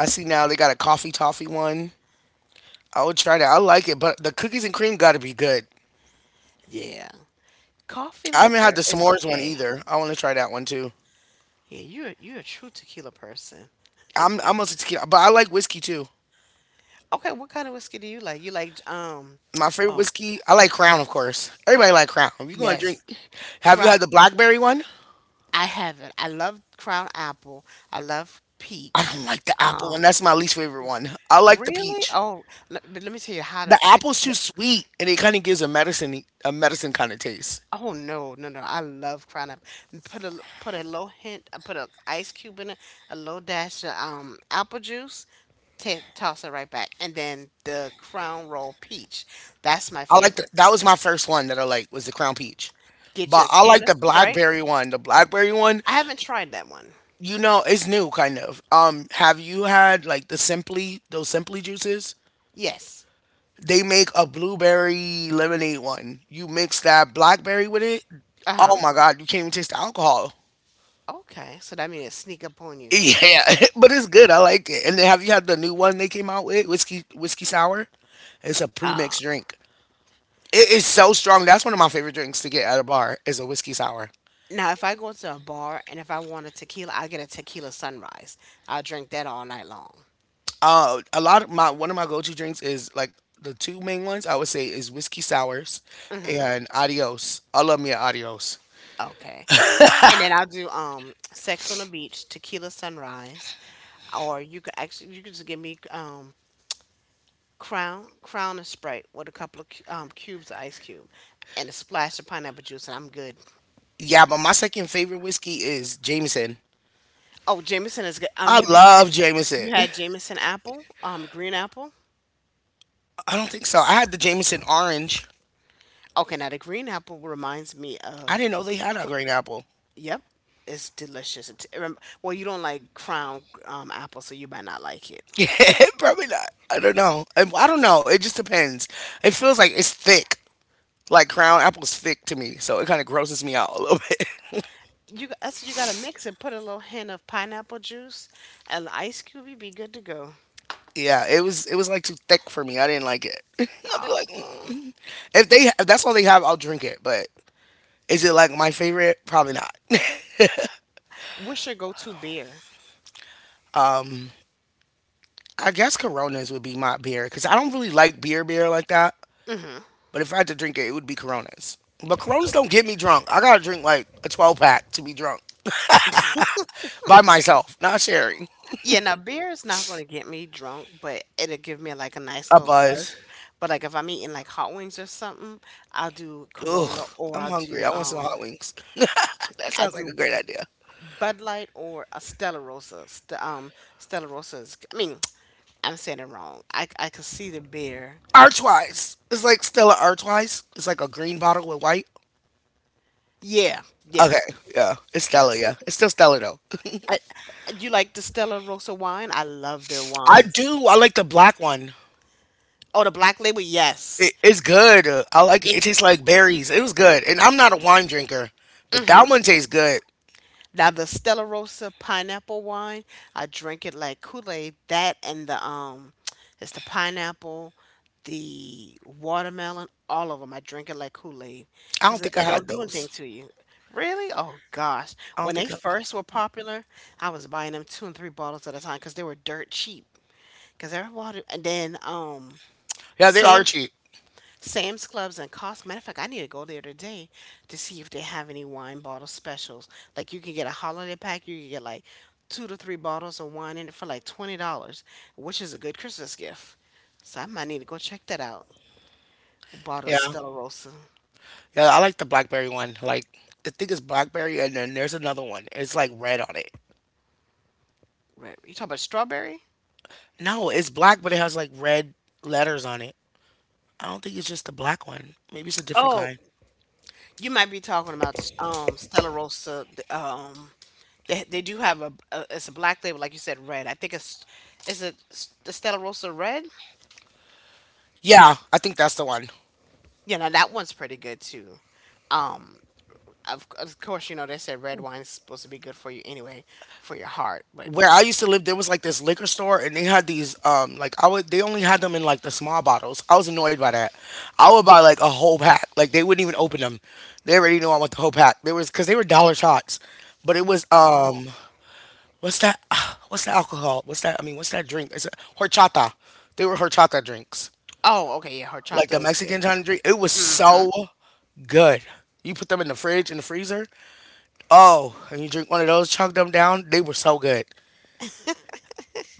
S1: I see now they got a coffee toffee one. I would try that. I like it, but the cookies and cream got to be good.
S2: Yeah, coffee
S1: I haven't had the
S2: liquor is
S1: s'mores one
S2: okay.
S1: either. I want to try that one too.
S2: Yeah, you're you're a true tequila person.
S1: I'm I'm a tequila, but I like whiskey too.
S2: Okay, what kind of whiskey do you like? You like um,
S1: My favorite
S2: oh
S1: whiskey, I like Crown, of course. Everybody like Crown. If you gonna drink,
S2: yes,
S1: have you
S2: Crown.
S1: had the blackberry one?
S2: I have it. I love Crown Apple. I love
S1: I
S2: peach.
S1: don't like the apple one.
S2: Um,
S1: That's my least favorite one. I like the
S2: really?
S1: peach.
S2: Oh, let, but let me tell you how to
S1: The
S2: fix
S1: apple's too
S2: it.
S1: sweet, and it kind of gives a medicine a medicine kind of taste.
S2: Oh no, no, no! I love Crown Apple. And put a l- put a little hint. I put an ice cube in it. A little dash of um apple juice. T toss it right back, and then the Crown Roll peach. That's my
S1: I like the,
S2: favorite.
S1: that was my first one that I like was the Crown Peach.
S2: Get you
S1: But
S2: a
S1: I
S2: can
S1: like
S2: of
S1: the
S2: Sprite.
S1: blackberry one. The blackberry one,
S2: I haven't tried that one.
S1: you know it's new kind of um have you had like the simply those simply juices?
S2: Yes.
S1: They make a blueberry lemonade one. You mix that blackberry with it,
S2: Uh
S1: oh
S2: huh.
S1: my god, you can't even taste the alcohol.
S2: Okay. So that means it sneak up on you.
S1: Yeah. But it's good, I like it. And then have you had the new one they came out with, whiskey whiskey sour? It's a
S2: Uh,
S1: pre-mixed drink. It is so strong. That's one of my favorite drinks to get at a bar, is a whiskey sour.
S2: now, if I go to a bar and if I want a tequila, I'll get a tequila sunrise. I'll drink that all night long.
S1: Uh, a lot of my one of my go-to drinks is like the two main ones, I would say, is whiskey sours
S2: Mm-hmm.
S1: and Adios. I love me a Adios.
S2: Okay. And then I'll do um Sex on the Beach, Tequila Sunrise, or you could actually, you could just give me um Crown Crown and Sprite with a couple of cu- um cubes of ice cube and a splash of pineapple juice and I'm good.
S1: Yeah, but my second favorite whiskey is Jameson.
S2: Oh, Jameson is good. Um
S1: I
S2: have you had
S1: love Jameson.
S2: you had Jameson apple, um green apple?
S1: I don't think so. I had the Jameson orange.
S2: Okay, now the green apple reminds me
S1: I
S2: of,
S1: didn't know they had a green apple.
S2: yep, it's delicious. It's, rem- well, you don't like Crown um, apple, so you might not like it.
S1: Yeah, probably not. I don't know. I, I don't know. It just depends. It feels like it's thick. Like Crown apple's thick to me, so it kind of grosses me out a little bit.
S2: You g- that's what you gotta mix it. Put a little hint of pineapple juice and an ice cube. You'd be good to go.
S1: Yeah, it was it was like too thick for me. I didn't like it. I'll be like,
S2: Oh,
S1: mm. if they, if that's all they have, I'll drink it. But is it like my favorite? Probably not.
S2: what's your go-to beer?
S1: I guess Coronas would be my beer, because I don't really like beer beer like that.
S2: Hmm.
S1: But if I had to drink it, it would be Coronas. But Coronas don't get me drunk. I gotta drink like a twelve pack to be drunk by myself, not sharing.
S2: Yeah, now beer is not gonna get me drunk, but it'll give me like a nice
S1: A
S2: little buzz.
S1: buzz.
S2: But like if I'm eating like hot wings or something, I'll do
S1: Ugh,
S2: Corona or
S1: I'm
S2: I'll
S1: hungry.
S2: do
S1: I want some
S2: um
S1: hot wings. That
S2: I'll
S1: sounds like a
S2: do
S1: great idea.
S2: Bud Light or a Stella Rosa. St- um, Stella Rosa is. I mean, I'm saying it wrong. I I could see the beer.
S1: Archwise. It's like Stella Archwise. It's like a green bottle with white.
S2: Yeah, yeah,
S1: Okay, yeah, it's Stella.
S2: that's
S1: Yeah,
S2: it.
S1: it's still Stella though.
S2: I, you like the Stella Rosa wine? I love their
S1: I
S2: wines.
S1: do. I like the black one.
S2: Oh, the Black Label.
S1: It,
S2: Yes.
S1: it's good. Uh, I like it. It
S2: Yeah.
S1: tastes like berries. It was good. And I'm not a wine drinker, but
S2: Mhm.
S1: that one tastes good.
S2: Now the Stella Rosa pineapple wine, I drink it like Kool-Aid. That and the um, it's the pineapple, the watermelon, all of them. I drink it like Kool-Aid
S1: I don't
S2: because it
S1: think I
S2: it
S1: had
S2: don't do
S1: those.
S2: anything to you. Really? Oh gosh!
S1: I don't
S2: When they
S1: think I.
S2: first were popular, I was buying them two and three bottles at a time because they were dirt cheap. Because everybody, and then um,
S1: Yeah, they are
S2: Sam
S1: cheap.
S2: Sam's Clubs and Costco. Matter of fact, I need to go there today to see if they have any wine bottle specials. Like you can get a holiday pack, you can get like two to three bottles of wine in it for like twenty dollars, which is a good Christmas gift. So I might need to go check that out. A bottle of
S1: Yeah.
S2: Stella Rosa.
S1: Yeah, I like the blackberry one. Like, I think it's blackberry, and then there's another one. It's like red on it.
S2: Right. You talking about strawberry?
S1: No, it's black, but it has like red letters on it. I don't think it's just the black one. Maybe it's a different
S2: Oh,
S1: kind.
S2: you might be talking about um Stella Rosa. th- Um, they they do have a, a it's a black label, like you said, red. I think it's is it s- the Stella Rosa red?
S1: Yeah, I think that's the one.
S2: You know, that one's pretty good too. Um, of, of course, you know, they said red wine's supposed to be good for you anyway, for your heart. But,
S1: Where I used to live, there was like this liquor store, and they had these um like, I would, they only had them in like the small bottles. I was annoyed by that. I would buy like a whole pack. Like, they wouldn't even open them. They already knew I want the whole pack. There was, because they were dollar shots, but it was
S2: Oh,
S1: um what's that? What's that alcohol? What's that? I mean, what's that drink? It's a horchata. They were horchata drinks,
S2: oh, okay, yeah,
S1: like the
S2: horchata is
S1: Mexican
S2: good.
S1: kind of drink. It was so good. You put them in the fridge, in the freezer. Oh, and you drink one of those, chug them down. They were so good.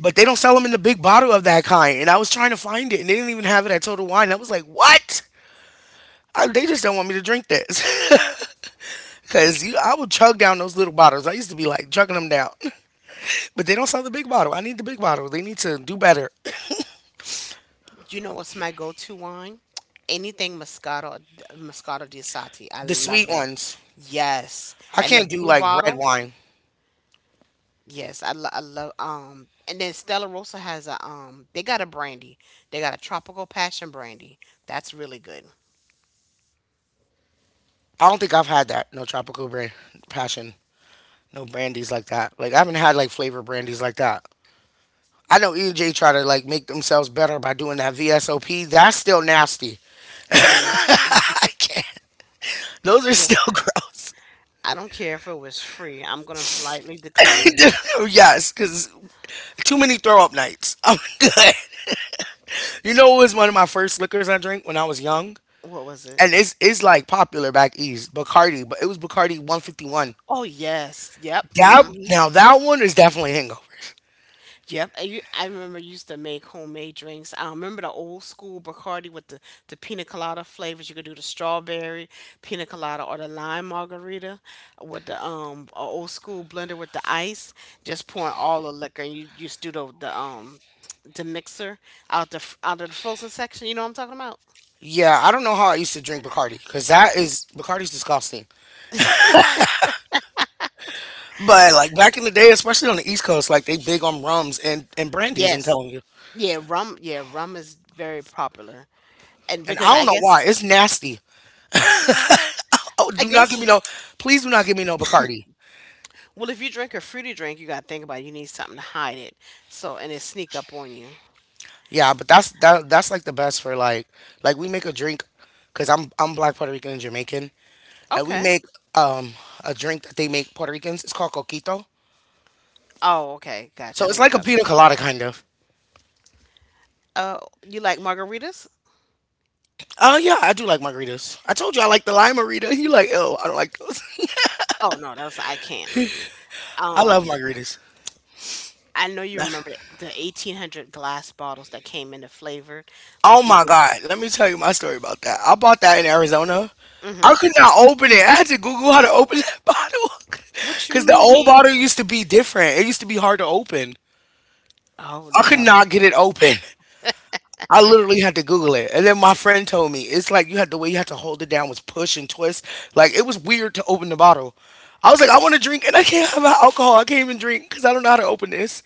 S1: But they don't sell them in the big bottle of that kind. And I was trying to find it, and they didn't even have it at Total Wine. I was like, what? I, they just don't want me to drink this. Because I would chug down those little bottles. I used to be like chugging them down. But they don't sell the big bottle. I need the big bottle. They need to do better.
S2: You know what's my go-to wine? Anything Moscato, Moscato di Sati. I
S1: The sweet
S2: love it.
S1: ones.
S2: Yes.
S1: I
S2: And the
S1: can't do
S2: blue
S1: like red
S2: bottle?
S1: wine.
S2: Yes, I, lo- I love um and then Stella Rosa has a um they got a brandy. They got a tropical passion brandy. That's really good.
S1: I don't think I've had that. No tropical brand, passion. No brandies like that. Like, I haven't had like flavor brandies like that. I know E and J try to like make themselves better by doing that V S O P. That's still nasty.
S2: It is.
S1: I can't. Those are still gross.
S2: I don't care if it was free. I'm gonna politely decline.
S1: Yes, because too many throw up nights. I'm good. You know what was one of my first liquors I drank when I was young?
S2: What was it?
S1: And it's it's like popular back east, Bacardi, but it was Bacardi one fifty-one.
S2: Oh yes, yep.
S1: That,
S2: Hmm,
S1: now that one is definitely hangover.
S2: yep. I, u- I remember I used to make homemade drinks. I remember the old school Bacardi with the the pina colada flavors. You could do the strawberry pina colada or the lime margarita with the um a old school blender with the ice. Just pouring all the liquor and you you just do the the um the mixer out the f- out of the frozen section. You know what I'm talking about?
S1: Yeah, I don't know how I used to drink Bacardi, because that is, Bacardi's disgusting. But like back in the day, especially on the East Coast, like they big on rums and and brandies. I'm
S2: Yes.
S1: telling you,
S2: Yeah, rum. Yeah, rum is very popular. And
S1: and I
S2: because
S1: don't
S2: I
S1: know
S2: guess
S1: why it's nasty. Oh,
S2: I
S1: do not
S2: guess
S1: give me no, please do not give me no Bacardi.
S2: well if you drink a fruity drink you gotta think about it. You need something to hide it. So, and it sneak up on you.
S1: Yeah, but that's that that's like the best for like like we make a drink because I'm I'm black Puerto Rican and Jamaican, and we
S2: Okay.
S1: make um a drink that they make Puerto Ricans. It's called coquito.
S2: Oh, okay. Gotcha. I
S1: So
S2: know
S1: it's
S2: you're
S1: like a
S2: talking
S1: pina
S2: about.
S1: colada kind of.
S2: Uh, you like margaritas?
S1: Oh yeah, I do like margaritas. I told you I like the lime margarita. You like, oh, I don't like those.
S2: Oh no, that's I can't. Mm-mm.
S1: I love
S2: Um,
S1: margaritas.
S2: I know you remember the eighteen hundred glass bottles that came in the flavor,
S1: Oh
S2: like you
S1: my
S2: could.
S1: god, let me tell you my story about that. I bought that in Arizona.
S2: Mm-hmm.
S1: I could not open it. I had to Google how to open that bottle,
S2: What you
S1: because the old
S2: mean?
S1: bottle used to be different. It used to be hard to open.
S2: Oh
S1: I could
S2: no.
S1: not get it open. I literally had to Google it. And then my friend told me it's like you had, the way you had to hold it down was push and twist. Like, it was weird to open the bottle. I was like, I want to drink, and I can't have alcohol. I can't even drink because I don't know how to open this.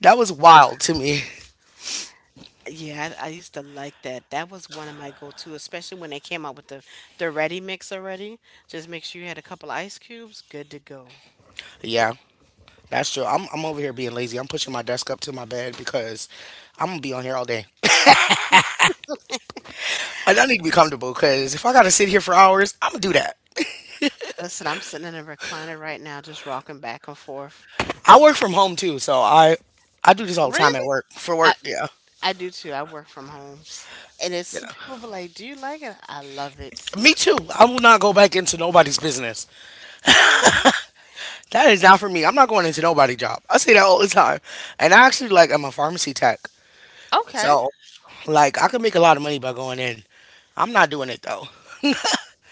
S1: That was wild to me.
S2: Yeah, I, I used to like that. That was one of my go-to, especially when they came out with the the ready mix already. Just make sure you had a couple of ice cubes, good to go.
S1: Yeah, that's true. I'm, I'm over here being lazy. I'm pushing my desk up to my bed because I'm going to be on here all day. And I need to be comfortable, because if I got to sit here for hours, I'm going to do that.
S2: Listen, I'm sitting in a recliner right now, just rocking back and forth.
S1: I work from home too. So I, I do this all the time at
S2: Really?
S1: work, for
S2: I
S1: work. Yeah.
S2: I do too. I work from home, and it's some
S1: Yeah.
S2: people be like, "Do you like it?" I love it.
S1: Me too. I will not go back into nobody's business. That is not for me. I'm not going into nobody job. I say that all the time. And I actually like, I'm a pharmacy tech.
S2: Okay.
S1: So like, I could make a lot of money by going in. I'm not doing it though.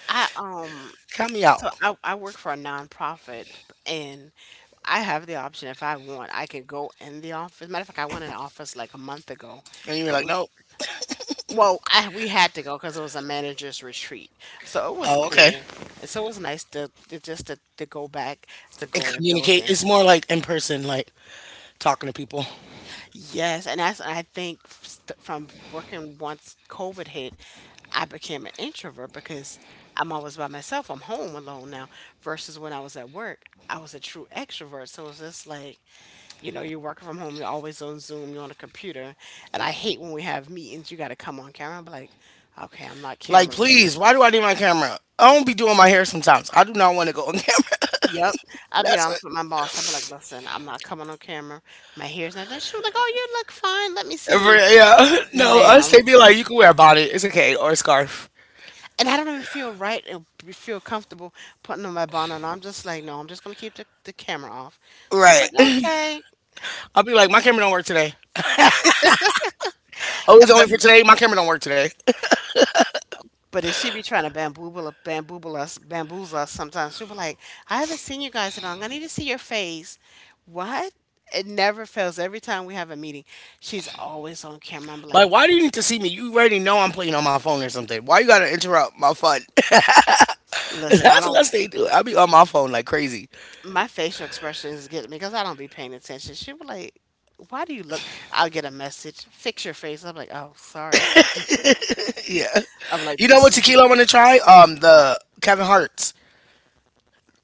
S2: I um
S1: Count me
S2: so
S1: out.
S2: I I work for a nonprofit and I have the option if I want, I can go in the office. Matter of fact, I went in the office like a month ago,
S1: And you're
S2: but
S1: like,
S2: we
S1: nope.
S2: well, I, we had to go because it was a manager's retreat, so it was
S1: Oh, okay.
S2: cool. And so it was nice to, to just to, to go back to
S1: And
S2: go in the
S1: communicate.
S2: building.
S1: It's more like in person, like talking to people.
S2: Yes, and that's I think f- st- from working once COVID hit, I became an introvert because I'm always by myself. I'm home alone now. Versus when I was at work, I was a true extrovert. So it's just like, you know, you're working from home. You're always on Zoom. You're on a computer, and I hate when we have meetings. You got to come on camera. I'm like, okay, I'm not
S1: Like,
S2: camera ready.
S1: please, why do I need my camera? I will not be doing my hair sometimes. I do not want to go on camera.
S2: Yep. I'll be
S1: That's it.
S2: honest with my boss. I'll be like, listen, I'm not coming on camera. My hair's not done. She was like, oh, you look fine. Let me see
S1: For-
S2: you,
S1: Yeah. No, us
S2: ma'am.
S1: they be like, you can wear a bonnet. It's okay. Or a scarf.
S2: And I don't even feel right and b- feel comfortable putting on my bonnet on. I'm just like, no, I'm just going to keep the, the camera off. She was
S1: Right.
S2: like, okay.
S1: I'll be like, my camera don't work today. Oh, it's
S2: And
S1: only
S2: But,
S1: for today. My camera don't work today.
S2: but if she be trying to bamboozle, bamboozle us, bamboozle us sometimes, she'll be like, I haven't seen you guys in long. I need to see your face. What? It never fails. Every time we have a meeting, she's always on camera. I'm
S1: Like,
S2: like,
S1: why do you need to see me? You already know I'm playing on my phone or something. Why you gotta interrupt my fun?
S2: listen, I
S1: That's what I
S2: don't,
S1: stay doing. I be on my phone like crazy.
S2: my facial expression is getting me because I don't be paying attention. She was like, "Why do you look?" I'll get a message. Fix your face. I'm like, "Oh, sorry."
S1: Yeah.
S2: I'm like,
S1: You know
S2: "This
S1: what
S2: is what-
S1: tequila I want to try? Um,
S2: uh,
S1: the Kevin Hart's.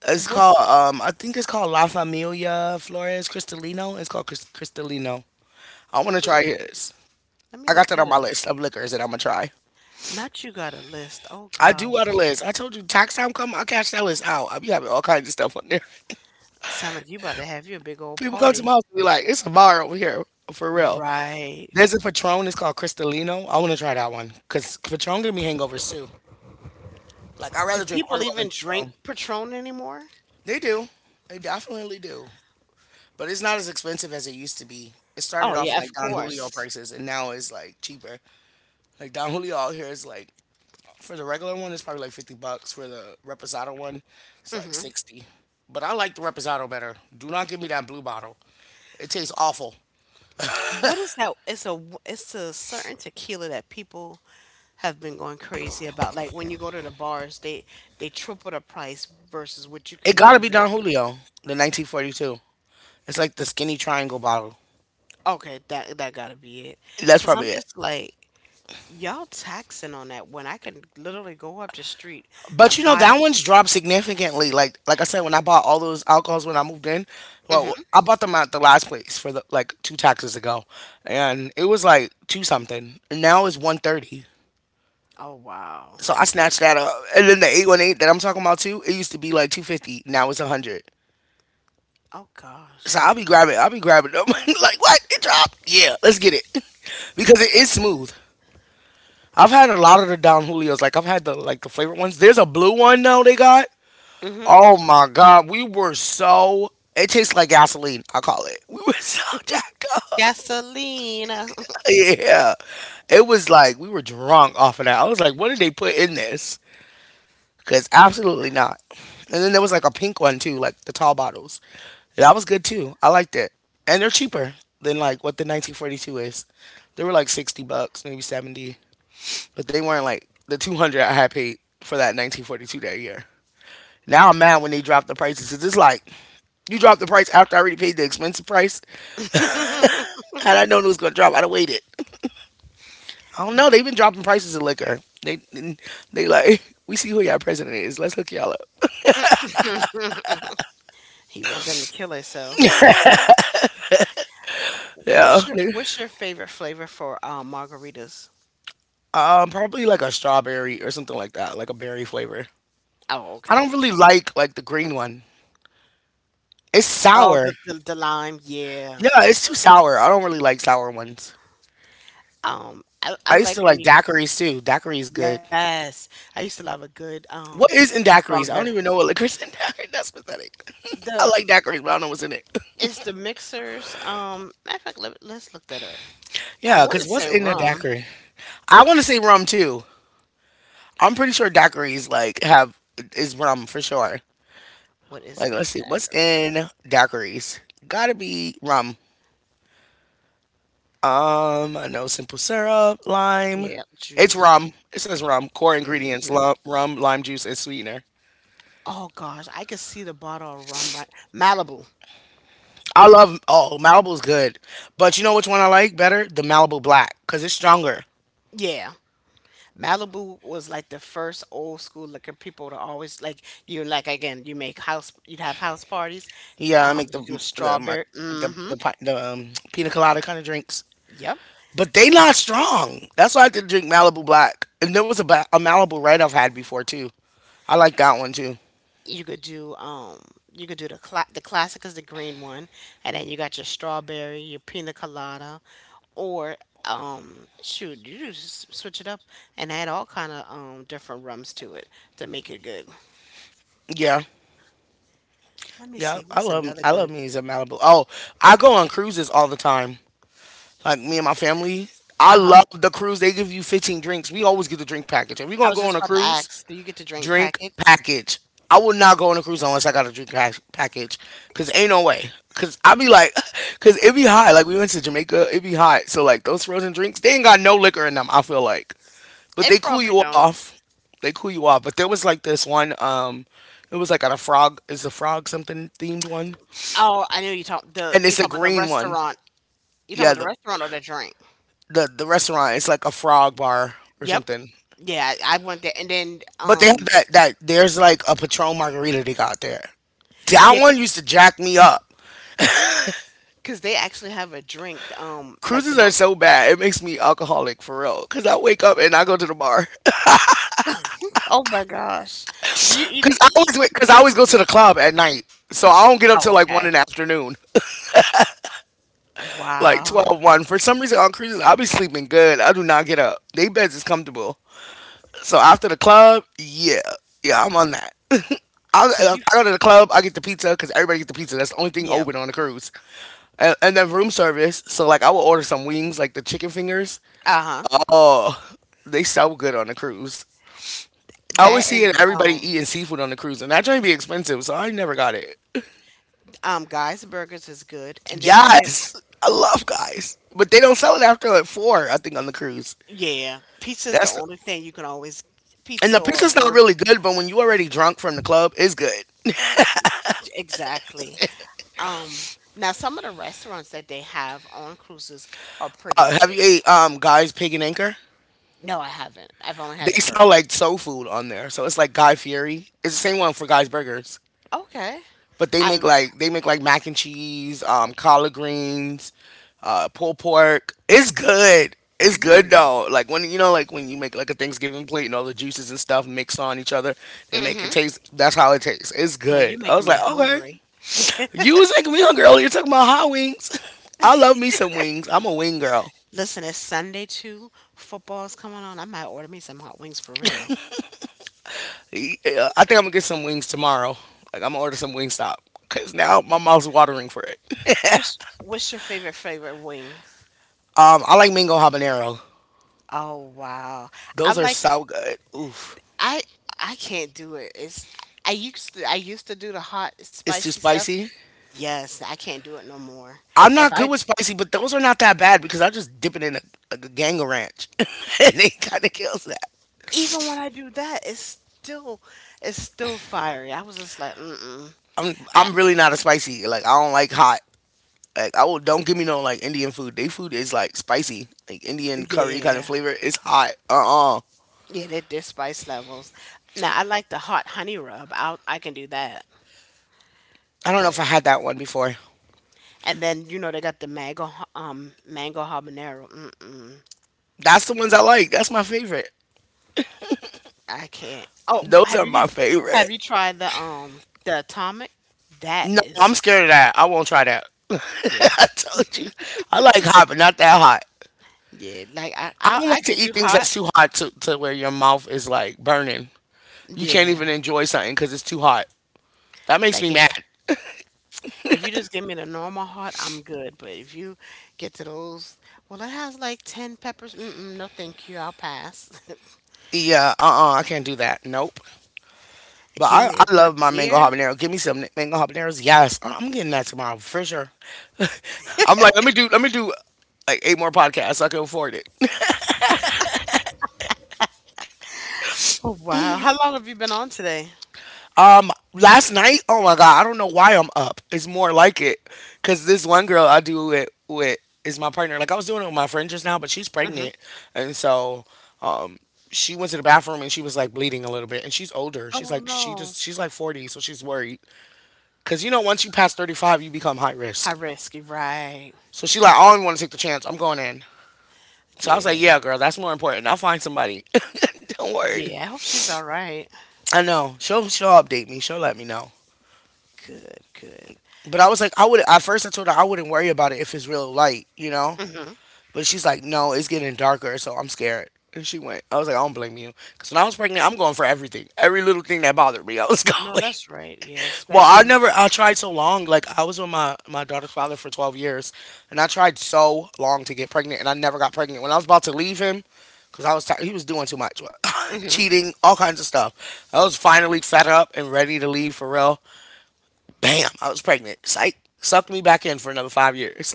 S1: It's called
S2: what's."
S1: um, I think it's called La Familia Flores Cristalino. It's called Crist- Cristalino. I want to try his.
S2: Let
S1: I
S2: me
S1: got
S2: look
S1: that on
S2: that
S1: my
S2: up.
S1: list of liquors that I'm gonna try.
S2: Not you got a list. Oh
S1: I do
S2: God,
S1: got a list. I told you tax time come, I cash that list out. I be having all kinds of stuff on there.
S2: sound like you about to have your big old
S1: People come to my
S2: party,
S1: house and be like, it's a bar over here for real.
S2: right?
S1: There's a Patron. It's called Cristalino. I want to try that one because Patron give me hangovers too. Like I'd
S2: Do
S1: rather drink
S2: people
S1: Oreo than
S2: even drink
S1: Patron.
S2: Patron anymore?
S1: They do. They definitely do. But it's not as expensive as it used to be. It
S2: Oh
S1: started off
S2: yeah, of
S1: like Don Julio
S2: course.
S1: prices and now it's like cheaper. Like Don Julio out here is like for the regular one it's probably like fifty bucks for the reposado one, it's like
S2: Hmm.
S1: sixty. But I like the reposado better. Do not give me that blue bottle. It tastes awful.
S2: What is that? It's a it's a certain tequila that people have been going crazy about like when you go to the bars they they triple the price versus what you
S1: It
S2: can go
S1: gotta
S2: to
S1: be
S2: the,
S1: Don Julio, the nineteen forty-two. It's like the skinny triangle bottle.
S2: okay, that that gotta be it
S1: That's
S2: because I'm
S1: probably it.
S2: just like, y'all taxing on that when I can literally go up the street
S1: But
S2: and
S1: you know
S2: buy
S1: that one's dropped significantly. Like like I said, when I bought all those alcohols when I moved in,
S2: the.
S1: well,
S2: Hmm.
S1: I bought them at the last place for the like two taxes ago, and it was like two something. And now it's one thirty.
S2: Oh wow.
S1: So I snatched that up, and then the eight one eight that I'm talking about too. It used to be like two fifty. Now it's a hundred.
S2: Oh
S1: So
S2: gosh.
S1: I'll be grabbing. I'll be grabbing them. Like what? It dropped. Yeah, let's get it. Because it is smooth. I've had a lot of the Don Julios. Like I've had the like the flavored ones. There's a blue one now they got.
S2: Hmm.
S1: Oh my god, we were so it tastes like gasoline, I call it. We were so jacked up.
S2: Gasoline.
S1: Yeah. It was like we were drunk off of that. I was like, what did they put in this? Cause absolutely not. And then there was like a pink one too, like the tall bottles. That was good too. I liked it. And they're cheaper than like what the nineteen forty-two is. They were like sixty bucks, maybe seventy, but they weren't like the two hundred I had paid for that nineteen forty-two that year. Now I'm mad when they dropped the prices. 'Cause it's like you dropped the price after I already paid the expensive price. Had I known it was gonna drop, I'd have waited. I don't know. They've been dropping prices of liquor. They they like, we see who y'all president is. Let's hook y'all up.
S2: He want them to kill herself.
S1: Yeah,
S2: what's your
S1: they-
S2: what's your favorite flavor for uh, margaritas?
S1: um, probably like a strawberry or something like that, like a berry flavor.
S2: Oh,
S1: I don't
S2: okay.
S1: really like like the green one. It's
S2: Oh,
S1: sour.
S2: the, the the lime, yeah.
S1: Yeah, it's too sour. I don't really like sour ones.
S2: Um, I I
S1: I used
S2: like
S1: to
S2: when
S1: like
S2: you
S1: daiquiris too. Daiquiri's good.
S2: Yes, I used to love a good, um,
S1: What is in daiquiris? I
S2: strawberry.
S1: don't even know what liquor's in daiquiri. That's pathetic. I
S2: The
S1: like daiquiris, but I don't know what's in it.
S2: it's the mixers, um, matter of fact, let let's look that up. I
S1: Yeah,
S2: wanna
S1: because what's
S2: say
S1: in a
S2: rum.
S1: daiquiri? I want to say rum too. I'm pretty sure daiquiris like have is rum for sure.
S2: What is
S1: Like
S2: in a
S1: let's see what's
S2: daiquiri?
S1: in daiquiris. Gotta be rum. Um, I know simple syrup, lime.
S2: Yeah,
S1: It's
S2: juice.
S1: rum. It says rum. Core ingredients:
S2: Mhm.
S1: lu- rum, lime juice, and sweetener.
S2: Oh gosh, I could see the bottle of rum right Malibu.
S1: I love, oh, Malibu's good, but you know which one I like better? The Malibu Black, because it's stronger.
S2: Yeah. Malibu was like the first old school liquor people to always like you like again, you make house you'd have house parties.
S1: Yeah, I
S2: Um,
S1: make
S2: you do
S1: the
S2: a
S1: the mar-
S2: strawberry. Mm.
S1: the
S2: Mhm.
S1: the, pi- the um, pina colada kind of drinks.
S2: Yep.
S1: But they not strong. That's why I did drink Malibu Black. And there was a, ba- a Malibu Red I've had before too. I like that one too.
S2: you could do um you could do the cla- The classic is the green one. And then you got your strawberry, your pina colada, or um shoot, you just switch it up and add all kind of um different rums to it to make it good.
S1: Yeah,
S2: Let me
S1: yeah.
S2: see
S1: I
S2: what's
S1: love
S2: another
S1: I love
S2: good—
S1: me some Malibu. Oh, I go on cruises all the time. Like me and my family. I
S2: uh-huh.
S1: love the cruise. They give you fifteen drinks. We always get the drink package. If we're
S2: I
S1: gonna
S2: was
S1: go on
S2: just
S1: a
S2: about to
S1: cruise,
S2: ask, do you get to drink
S1: drink
S2: packets?
S1: package. I would not go on a cruise unless I got a drink pack- package. Cause ain't no way. Cause I be like, cause it be hot. Like we went to Jamaica, it be hot. So like those frozen drinks, they ain't got no liquor in them, I feel like. But
S2: It
S1: they cool
S2: probably
S1: you
S2: don't.
S1: off. They cool you off. But there was like this one. Um, it was like at a frog. Is the frog something themed one?
S2: Oh, I knew you talk the
S1: And
S2: you
S1: it's a
S2: talk about the
S1: green one.
S2: restaurant. You talking
S1: Yeah,
S2: about the
S1: the
S2: restaurant or the drink?
S1: the, the restaurant. It's like a frog bar or
S2: Yep.
S1: something.
S2: Yeah, i I went there, and then
S1: But they have
S2: um
S1: that that. There's like a Patron margarita they got there. That
S2: yeah, 'cause
S1: one used to jack me up.
S2: Cause they actually have a drink, um, like the
S1: Cruises are
S2: mo-—
S1: so bad. It makes me alcoholic for real. Cause I wake up and I go to the bar.
S2: oh my gosh. Do you even
S1: Cause I
S2: eat?
S1: always wait, cause I always go to the club at night. So I don't get up
S2: Oh,
S1: till like one
S2: okay.
S1: in the afternoon. Like
S2: Wow.
S1: twelve, one for some reason. On cruises I'll be sleeping good. I do not get up. They beds is comfortable. So after the club, yeah, yeah, I'm on that. I,
S2: So
S1: I
S2: you—
S1: go to the club, I get the pizza, because everybody gets the pizza. That's the only thing
S2: yeah.
S1: open on the cruise. And, and then room service, so like I will order some wings, like the chicken fingers.
S2: Uh-huh.
S1: Oh, they sell good on the cruise. I
S2: That
S1: always
S2: and
S1: see it, everybody
S2: um
S1: eating seafood on the cruise, and that joint be expensive, so I never got it.
S2: um guys burgers is good. And then, like, have-—
S1: Yes, I love guys, but they don't sell it after like four, I think, on the cruise.
S2: yeah, pizza is the
S1: That's
S2: only thing you can always—
S1: and the
S2: pizza or a
S1: pizza's not
S2: burger.
S1: really good, but when you already drunk from the club, it's good.
S2: Yeah, exactly. Um Now some of the restaurants that they have on cruises are pretty
S1: Uh, have
S2: good.
S1: you ate um Guy's Pig and Anchor?
S2: No, I haven't. I've only had
S1: They
S2: the
S1: sell
S2: burgers.
S1: like soul food on there, so it's like Guy Fieri. It's the same one for Guy's Burgers,
S2: Okay.
S1: but they
S2: I—
S1: make like they make like mac and cheese, um, collard greens, uh, pulled pork. It's good. It's good
S2: mm.
S1: though. Like when you know, like when you make like a Thanksgiving plate and all the juices and stuff mix on each other and make it
S2: Mm-hmm.
S1: taste. That's how it tastes. It's
S2: Yo, you
S1: good. I was
S2: making me
S1: like, okay.
S2: hungry.
S1: You was making me hungry earlier talking about hot wings. I love me some wings. I'm a wing girl.
S2: Listen, it's Sunday too. Football's coming on. I might order me some hot wings for real.
S1: Yeah, I think I'm gonna get some wings tomorrow. Like I'm gonna order some Wingstop because now my mouth's watering for it.
S2: What's what's your favorite favorite wing?
S1: Um, I like mango habanero.
S2: Oh, wow. I
S1: Those are
S2: like—
S1: so good. Oof,
S2: I I can't do it. It's— I used to I used to do the hot
S1: it's too
S2: spicy stuff.
S1: spicy.
S2: Yes, I can't do it no more.
S1: I'm
S2: If
S1: not good
S2: I—
S1: with spicy, but those are not that bad because I just dip it in a, like a gango ranch, and it kind of kills that.
S2: even when I do that, it's still— it's still fiery. I was just like, mm-mm.
S1: I'm
S2: I—
S1: I'm really not a spicy. Like I don't like hot. Like I will don't give me no like Indian food. They food is like spicy, like Indian curry kind of
S2: yeah.
S1: flavor. It's hot. Uh uh.
S2: Yeah, they're, they're spice levels. Now I like the hot honey rub. I I can do that.
S1: I don't know if I
S2: But—
S1: had that one before.
S2: and then you know they got the mango ha-— um mango habanero. Mm-mm,
S1: That's the ones I like. That's my favorite.
S2: I can't. Oh, w-
S1: Those
S2: have
S1: are
S2: you—
S1: my
S2: have
S1: favorite.
S2: you tried the um the atomic? That
S1: No, I'm
S2: is—
S1: scared of that. I won't try that.
S2: yeah,
S1: I told you. I like hot, but not that hot.
S2: yeah. Like I
S1: I
S2: I,
S1: don't like
S2: I
S1: to
S2: could do
S1: eat things
S2: hot.
S1: that's too hot to, to where your mouth is like burning. You can't
S2: Yeah.
S1: even enjoy something because it's too hot. That makes
S2: Like
S1: me
S2: if,
S1: mad.
S2: if you just give me the normal hot, I'm good. But if you get to those, well, it has like ten peppers. Mm-mm, no, thank you. I'll pass.
S1: Yeah, uh uh, I can't do that. Nope. But
S2: Give
S1: I,
S2: me
S1: I
S2: a good
S1: love my mango
S2: beer.
S1: habanero. Give me some n- mango habaneros. Yes, I- I'm getting that tomorrow for sure. I'm like, let me do, let me do like eight more podcasts. I can afford it.
S2: Oh, wow. How long have you been on today?
S1: My, last night, oh my god, I don't know why I'm up. It's more like it because this one girl I do it with is my partner. Like I was doing it with my friend just now, but she's
S2: Hmm.
S1: pregnant, and so um, she went to the bathroom and she was like bleeding a little bit, and she's older. She's
S2: Oh,
S1: like she
S2: no.
S1: just she's like forty, so she's worried because you know once you pass thirty-five, you become high
S2: High
S1: risk.
S2: risk, right?
S1: So she like, I don't even want to take the chance. I'm going in. So I was like,
S2: Yeah.
S1: yeah, girl, that's more important. I'll find somebody. Don't worry.
S2: Yeah, I hope she's all right.
S1: I know. She'll she'll update me. She'll let me know.
S2: Good, good.
S1: But I was like, I would at first I told her I wouldn't worry about it if it's real light, you know.
S2: Hmm.
S1: But she's like, no, it's getting darker, so I'm scared. And she went. I was like, I don't blame you, because when I was pregnant, I'm going for everything, every little thing that bothered me. I was
S2: I know
S1: going.
S2: that's right. Yeah,
S1: Well, I
S2: especially.
S1: never I tried so long. Like I was with my my daughter's father for twelve years and I tried so long to get pregnant and I never got pregnant. When I was about to leave him cuz I was tired, he was doing too much.
S2: Hmm.
S1: Cheating, all kinds of stuff. I was finally fed up and ready to leave for real. Bam, I was pregnant. Psych sucked me back in for another five years.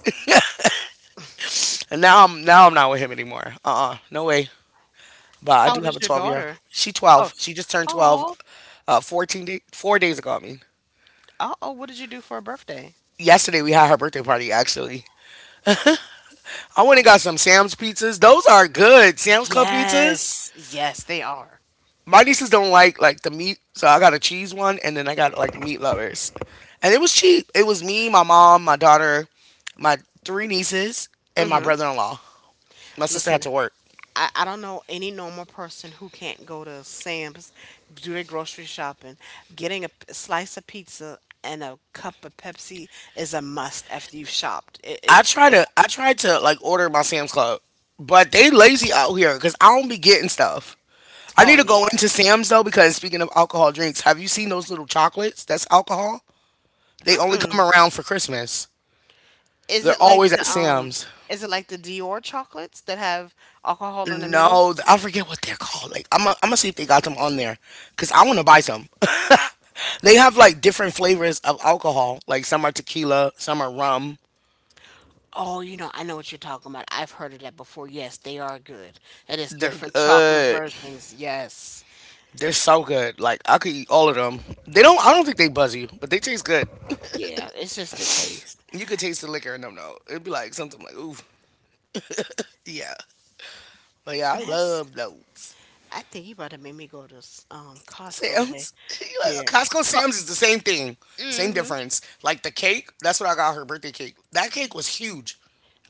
S1: and now I'm now I'm not with him anymore. Uh-uh, no way. But I
S2: How
S1: do
S2: old
S1: have
S2: is
S1: a
S2: your
S1: twelve year.
S2: daughter?
S1: She
S2: Oh,
S1: twelve.
S2: s-—
S1: She just turned twelve,
S2: oh,
S1: uh, fourteen day, four days ago, I mean.
S2: oh. Oh, what did you do for her birthday?
S1: Yesterday we had her birthday party actually. I went
S2: Oh,
S1: and got some Sam's pizzas. Those are good. Sam's Club pizzas.
S2: yes, yes, they are.
S1: My nieces don't like like the meat, so I got a cheese one, and then I got like meat lovers, and it was cheap. It was me, my mom, my daughter, my three nieces, and my
S2: Hmm.
S1: brother-in-law. My sister had
S2: Listen,
S1: to work.
S2: I, I don't know any normal person who can't go to Sam's, do their grocery shopping. Getting a p- slice of pizza and a cup of Pepsi is a must after you've shopped. It, it,
S1: I try to I tried to like order my Sam's Club, but they lazy out here because I don't be getting stuff. I
S2: oh
S1: need to go
S2: yeah.
S1: into Sam's though because speaking of alcohol drinks, have you seen those little chocolates? That's alcohol. They only come around for Christmas.
S2: Is it
S1: They're
S2: like
S1: always at
S2: the um
S1: Sam's.
S2: is it like the Dior chocolates that have alcohol in the middle?
S1: No, th- I forget what they're called. Like I'm, I'm gonna see if they got them on there, cause I want to buy some. They have like different flavors of alcohol. Like some are tequila, some are rum.
S2: Oh, you know, I know what you're talking about. I've heard of that before. Yes, they are good. And it's
S1: They're
S2: different chocolate
S1: good.
S2: versions. Yes.
S1: They're so good. Like I could eat all of them. They don't. I don't think they buzz you, but they taste good.
S2: Yeah, it's just a taste.
S1: You could taste the liquor in them though. It'd be like something like ooh, yeah. But yeah, I
S2: That's—
S1: love those.
S2: I think you about to make me go to s-— um Costco today.
S1: Sam's. You like,
S2: Yeah.
S1: Costco
S2: Co-—
S1: Sam's is the same thing. Same
S2: hmm.
S1: difference. Like the cake, that's what I got her birthday cake. That cake was huge.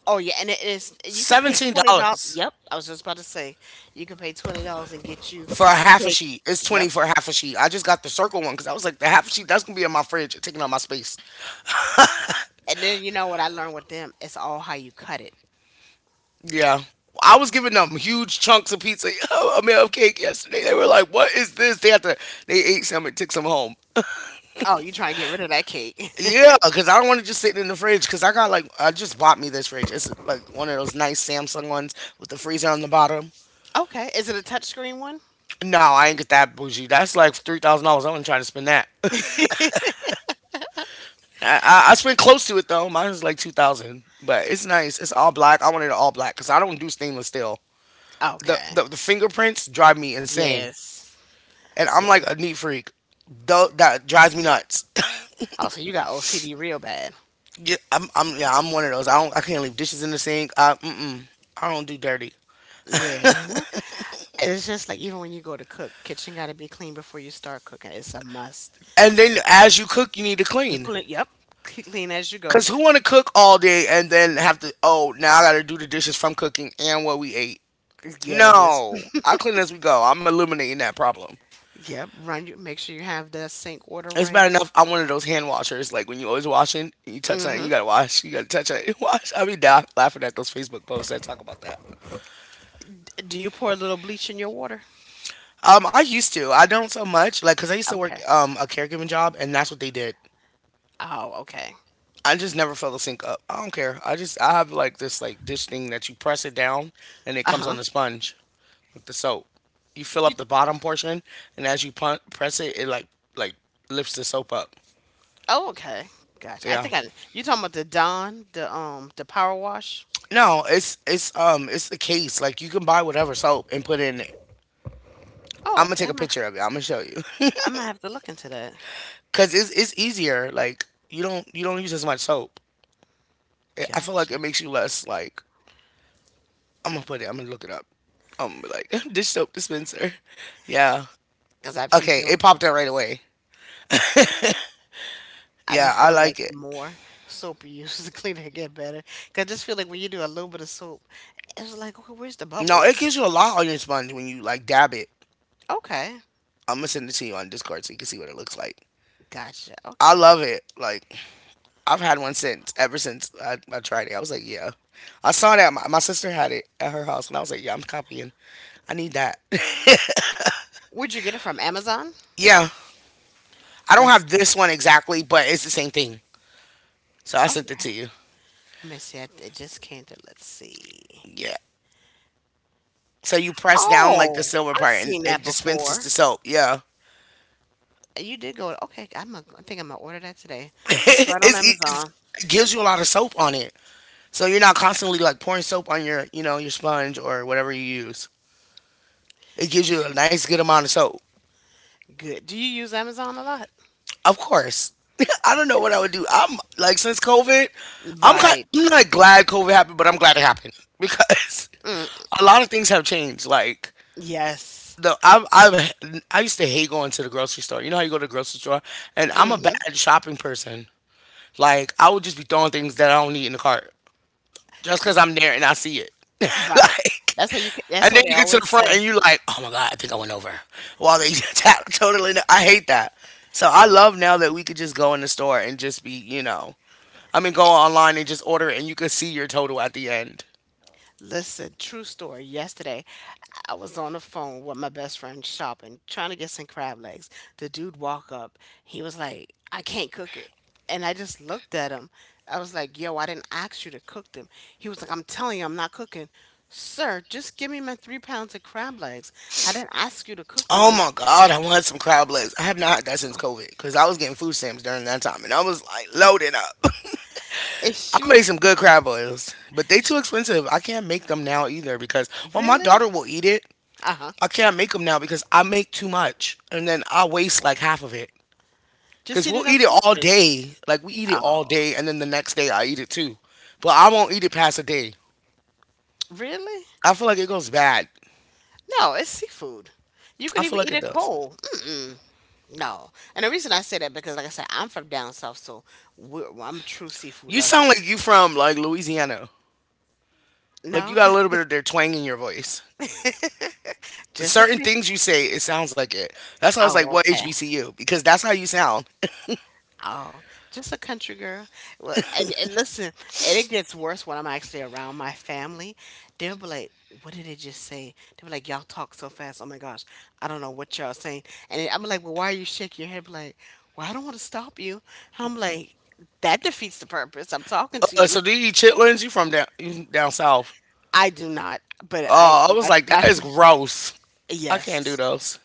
S2: Oh yeah, and it is, you could pay
S1: Seventeen
S2: twenty dollars.
S1: dollars
S2: Yep, I was just about to say— you could pay twenty dollars and get you
S1: for a
S2: a
S1: half a
S2: cake.
S1: sheet. It's
S2: Yep.
S1: twenty dollars for a half a sheet. I just got the circle one because I was like, the half a sheet that's gonna be in my fridge, taking up my space.
S2: And then you know what I learned with them? It's all how you cut it.
S1: Yeah, I was giving them huge chunks of pizza. I mean, of cake yesterday. They were like, "What is this?" They had to. They ate some and took some home.
S2: Oh, you trying to get rid of that cake.
S1: Yeah, because I don't want to just sit in the fridge. Because I got like, I just bought me this fridge. It's like one of those nice Samsung ones with the freezer on the bottom.
S2: Okay. Is it a touchscreen one?
S1: No, I ain't get that bougie. That's like three thousand dollars. I wasn't trying to spend that. I, I, I spent close to it though. Mine was like two thousand dollars, but it's nice. It's all black. I wanted it all black because I don't do stainless steel. The,
S2: Okay.
S1: the the fingerprints drive me insane,
S2: Yes.
S1: and I'm
S2: Yep.
S1: like a neat freak. Though that drives me nuts.
S2: Oh, so you got O C D real bad.
S1: Yeah, I'm, I'm yeah I'm one of those. I don't I can't leave dishes in the sink. I mm-mm, I don't do dirty.
S2: Yeah. It's just like even when you go to cook, kitchen got to be clean before you start cooking. It's a must.
S1: And then as you cook, you need to
S2: You
S1: clean.
S2: clean, yep. Keep clean as you go.
S1: Cause who want to cook all day and then have to oh now I got to do the dishes from cooking and what we ate.
S2: Yes. It's-—
S1: No, I clean as we go. I'm eliminating that problem.
S2: yep. Run— you make sure you have the sink water
S1: It's
S2: ran.
S1: bad enough. I'm one of those hand washers. Like when you always washing, you touch something,
S2: Hmm.
S1: you gotta wash. You gotta touch it, you wash. I be da- laughing at those Facebook posts that talk about that.
S2: Do you pour a little bleach in your water?
S1: Um, I used to. I don't so much. Like, cause I used to work
S2: Okay.
S1: um a caregiving job, and that's what they did.
S2: Oh, okay.
S1: I just never fill the sink up. I don't care. I just I have like this like dish thing that you press it down, and it comes on
S2: Uh-huh.
S1: the sponge with the soap. You fill
S2: You—
S1: up the bottom portion, and as you pun- press it, it like like lifts the soap up.
S2: oh, okay. Gotcha. I
S1: Yeah.
S2: think I— you talking about the Dawn, the um the power wash?
S1: No, it's it's um it's a case. Like you can buy whatever soap and put it in it. I'm
S2: Oh,
S1: gonna
S2: okay,
S1: take a
S2: I'm gonna
S1: picture of it. I'm gonna show you
S2: I'm gonna have to look into that.
S1: because it's it's easier. Like you don't you don't use as much soap. It, I feel like it
S2: Gotcha.
S1: makes you less like I'm gonna put it. I'm gonna look it up. I'm gonna be like dish soap dispenser. Yeah.
S2: Cause I be
S1: Okay. It
S2: feeling
S1: popped out right away.
S2: I be
S1: Yeah, I
S2: feeling like
S1: like
S2: the
S1: it.
S2: more soap you use, the cleaner it get. Cause I just feel like when you do a little bit of soap, it's like, okay, where's the
S1: No, it
S2: bubbles?
S1: gives you a lot on your sponge when you like dab it.
S2: Okay,
S1: I'm gonna send it to you on Discord so you can see what it looks like.
S2: gotcha.
S1: I
S2: Okay.
S1: love it. Like I've had one since ever since I, I tried it. I was like, yeah. I saw that my, my sister had it at her house, and I was like, yeah, I'm copying. I need that.
S2: Where'd you get it from? Amazon?
S1: Yeah, I don't
S2: Let's—
S1: have this one exactly, but it's the same thing. So I sent it
S2: okay.
S1: to you.
S2: Let me see. I— it just came to. Let's see.
S1: Yeah. So you press down like the
S2: Oh,
S1: silver
S2: I've
S1: part, and
S2: seen that
S1: it dispenses the
S2: before.
S1: soap. Yeah.
S2: You did go. Okay, I'm— a, I think I'm gonna order that today. That's right on
S1: It's, e, it's,
S2: Amazon.
S1: it gives you a lot of soap on it, so you're not constantly like pouring soap on your you know your sponge or whatever you use. It gives you a nice good amount of soap.
S2: Good. Do you use Amazon a lot?
S1: Of course. I don't
S2: Okay.
S1: know what I would do. I'm like since COVID, I'm kind,
S2: Right.
S1: I'm not glad COVID happened, but I'm glad it happened because a lot of things have changed. Like
S2: Yes.
S1: the I I I used to hate going to the grocery store. You know how you go to the grocery store, and I'm a bad
S2: Mhm.
S1: shopping person. Like I would just be throwing things that I don't need in the cart just because
S2: It's—
S1: I'm there and I see it.
S2: right.
S1: Like,
S2: That's what you can— that's
S1: and then
S2: what they
S1: you get to the
S2: always
S1: front and
S2: say.
S1: you like, oh my god, I think I went over. While they tap totally, kn- I hate that. So I love now that we could just go in the store and just be, you know, I mean, go online and just order it and you could see your total at the end.
S2: Listen, true story. Yesterday, I was on the phone with my best friend shopping, trying to get some crab legs. The dude walk up. He was like, "I can't cook it." And I just looked at him. I was like, "Yo, I didn't ask you to cook them." He was like, "I'm telling you, I'm not cooking." Sir, just give me my three pounds of crab legs. I didn't ask you to cook them.
S1: Oh
S2: Like,
S1: my god, I want some crab legs. I have not had that since COVID because I was getting food stamps during that time and I was like loaded up.
S2: and she
S1: I made
S2: was—
S1: some good crab boils, but they too expensive. I can't make them now either because well, my
S2: really?
S1: daughter will eat it,
S2: Uh-huh.
S1: I can't make them now because I make too much and then I waste like half of it.
S2: Just
S1: Because
S2: eat it
S1: we'll
S2: in
S1: eat it all
S2: portions.
S1: day. Like we eat it all
S2: Oh,
S1: day and then the next day I eat it too. But I won't eat it past a day.
S2: really?
S1: I feel like it goes bad.
S2: No, it's seafood. You
S1: I
S2: can
S1: feel
S2: even
S1: like
S2: eat
S1: it
S2: it
S1: does.
S2: cold. Mm-mm, no. And the reason I say that because, like I said, I'm from down south, so we're, I'm a true seafood
S1: You sound
S2: lover.
S1: like you from like Louisiana. Like you
S2: No,
S1: got a little bit of their twang in your voice.
S2: just a
S1: Certain
S2: Chris.
S1: things you say, it sounds like it. That's why I was like,
S2: Oh,
S1: "What
S2: okay.
S1: H B C U?" Because that's how you sound.
S2: Oh, just a country girl. Well, and, and listen, and it gets worse when I'm actually around my family. They'll be like, "What did they just say?" They'll be like, "Y'all talk so fast. Oh my gosh, I don't know what y'all saying." And then I'm like, "Well, why are you shaking your head?" Be like, "Well, I don't want to stop you." I'm like, "That defeats the purpose. I'm talking to
S1: Uh,
S2: you."
S1: so do you eat chitlins? You from down you down south?
S2: I do not, but I—
S1: Oh, I was
S2: my
S1: like,
S2: my
S1: that is gross. I can't do
S2: yes.
S1: those.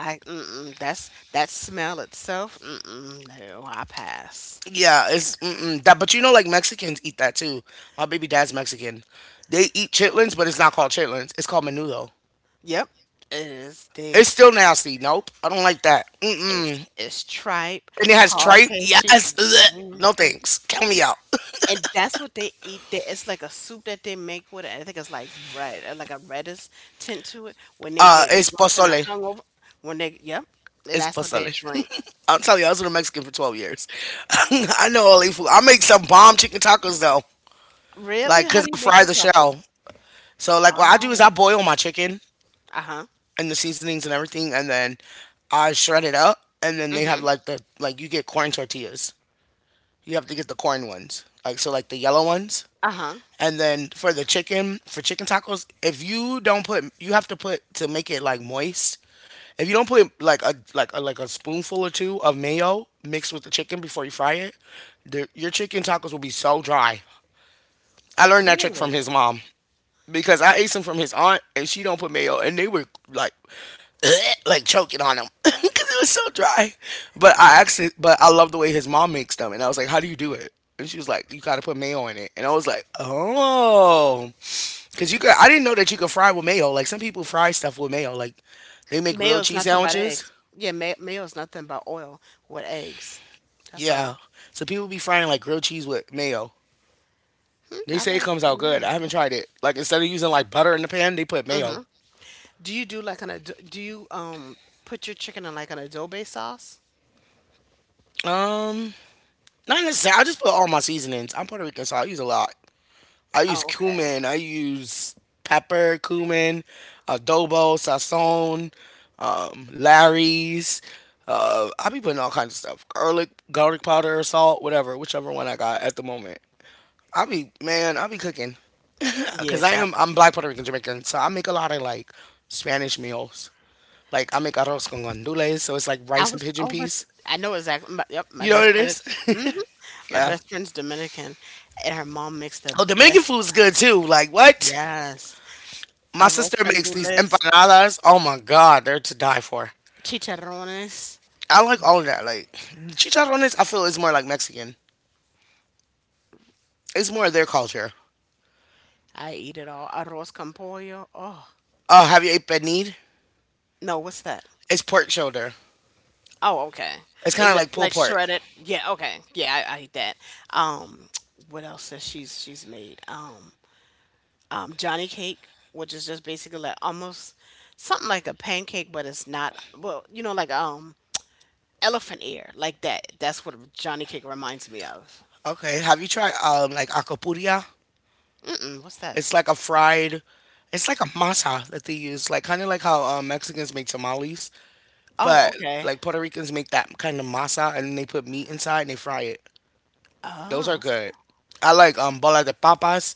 S2: I— mm-mm, that's— that smell itself. Mm-mm, no, I pass.
S1: Yeah, it's mm-mm, that. But you know, like Mexicans eat that too. My baby dad's Mexican. They eat chitlins, but it's not called chitlins. It's called menudo.
S2: Yep, it is. They—
S1: It's still nasty. Nope, I don't like that. Mm-mm.
S2: It's it's tripe,
S1: And it has
S2: hog
S1: tripe.
S2: cake,
S1: Yes. Ugh.
S2: hmm,
S1: No thanks. Count me out.
S2: and that's what they eat there. It's like a soup that they make with it. I think it's like red, uh, like a reddish tint to it. When they
S1: Uh,
S2: get
S1: it's
S2: drunk and are
S1: pozole.
S2: hungover, when they— yep, and
S1: It's
S2: that's what they
S1: pozole.
S2: drink.
S1: I'm telling you, I was with a Mexican for twelve years. I know all the food. I make some bomb chicken tacos though.
S2: Really?
S1: Like,
S2: How
S1: cause
S2: do
S1: I
S2: you make
S1: fry
S2: your
S1: the shell.
S2: tacos?
S1: So like, what I do is
S2: Oh,
S1: I boil my chicken
S2: uh huh,
S1: and the seasonings and everything, and then I shred it up, and then they have
S2: mm-hmm,
S1: like the like you get corn tortillas. You have to get the corn ones, like so like the yellow ones.
S2: uh huh.
S1: And then for the chicken, for chicken tacos, if you don't put, you have to put to make it like moist. If you don't put like a like a, like a spoonful or two of mayo mixed with the chicken before you fry it, the, your chicken tacos will be so dry. I learned that trick from his
S2: Really?
S1: mom because I ate some from his aunt and she don't put mayo and they were like like choking on them because it was so dry. But I actually, but I love the way his mom makes them, and I was like, "How do you do it?" And she was like, "You gotta put mayo in it," and I was like, "Oh," because you could. I didn't know that you could fry with mayo. Like some people fry stuff with mayo. Like they make grilled
S2: Mayo's
S1: cheese
S2: nothing but
S1: sandwiches.
S2: eggs. Yeah, may- mayo's nothing but oil with eggs. That's
S1: Yeah,
S2: all.
S1: so people be frying like grilled cheese with mayo.
S2: Hmm,
S1: They
S2: I
S1: say it
S2: learned
S1: comes out good.
S2: something
S1: I haven't tried it. Like instead of using like butter in the pan, they put mayo.
S2: new. Do you do like an ad-— do you um put your chicken in like an adobe sauce?
S1: Um, not necessarily. I just put all my seasonings. I'm Puerto Rican, so I use a lot. I use
S2: Oh, okay.
S1: cumin. I use pepper, cumin, adobo, sazon, um, Larry's. Uh, I be putting all kinds of stuff, garlic, garlic powder, salt, whatever, whichever one I got at the moment. I be man, I be cooking because I
S2: Yes, I,
S1: am I'm black Puerto Rican Jamaican, so I make a lot of like Spanish meals. Like I make arroz con gandules, so it's like
S2: I
S1: rice and
S2: was.
S1: pigeon
S2: Oh, but s-—
S1: peas.
S2: I know exactly. My— yep, my
S1: You know what
S2: best
S1: it
S2: friend is.
S1: is?
S2: Hmm. My
S1: Yeah.
S2: best friend's Dominican, and her mom makes the
S1: Oh, Dominican
S2: best.
S1: food is good too. Like what?
S2: Yes,
S1: My
S2: arroz
S1: sister
S2: con
S1: makes these
S2: dulce,
S1: empanadas. Oh my god, they're to die for.
S2: chicharrones.
S1: I like all of that. Like chicharrones, I feel is more like Mexican. It's more their culture.
S2: I eat it all. Arroz con pollo. Oh
S1: Oh, have you ate penid?
S2: no, what's that?
S1: It's pork shoulder.
S2: Oh, okay.
S1: It's kind
S2: Is
S1: of
S2: it
S1: like pulled
S2: like
S1: pork.
S2: shredded? Yeah, okay. Yeah, I, I eat that. Um, what else has she's she's made? Um, um, Johnny cake, which is just basically like almost something like a pancake, but it's not. Well, you know, like um elephant ear, like that. That's what Johnny cake reminds me of.
S1: Okay, have you tried um like acapuria?
S2: Mm-mm, what's that?
S1: It's like a fried. It's like a masa that they use, like kind of like how um, Mexicans make tamales,
S2: Oh,
S1: but
S2: okay.
S1: like Puerto Ricans make that kind of masa and they put meat inside and they fry it. Those are
S2: Oh,
S1: good. I like um bola de papas.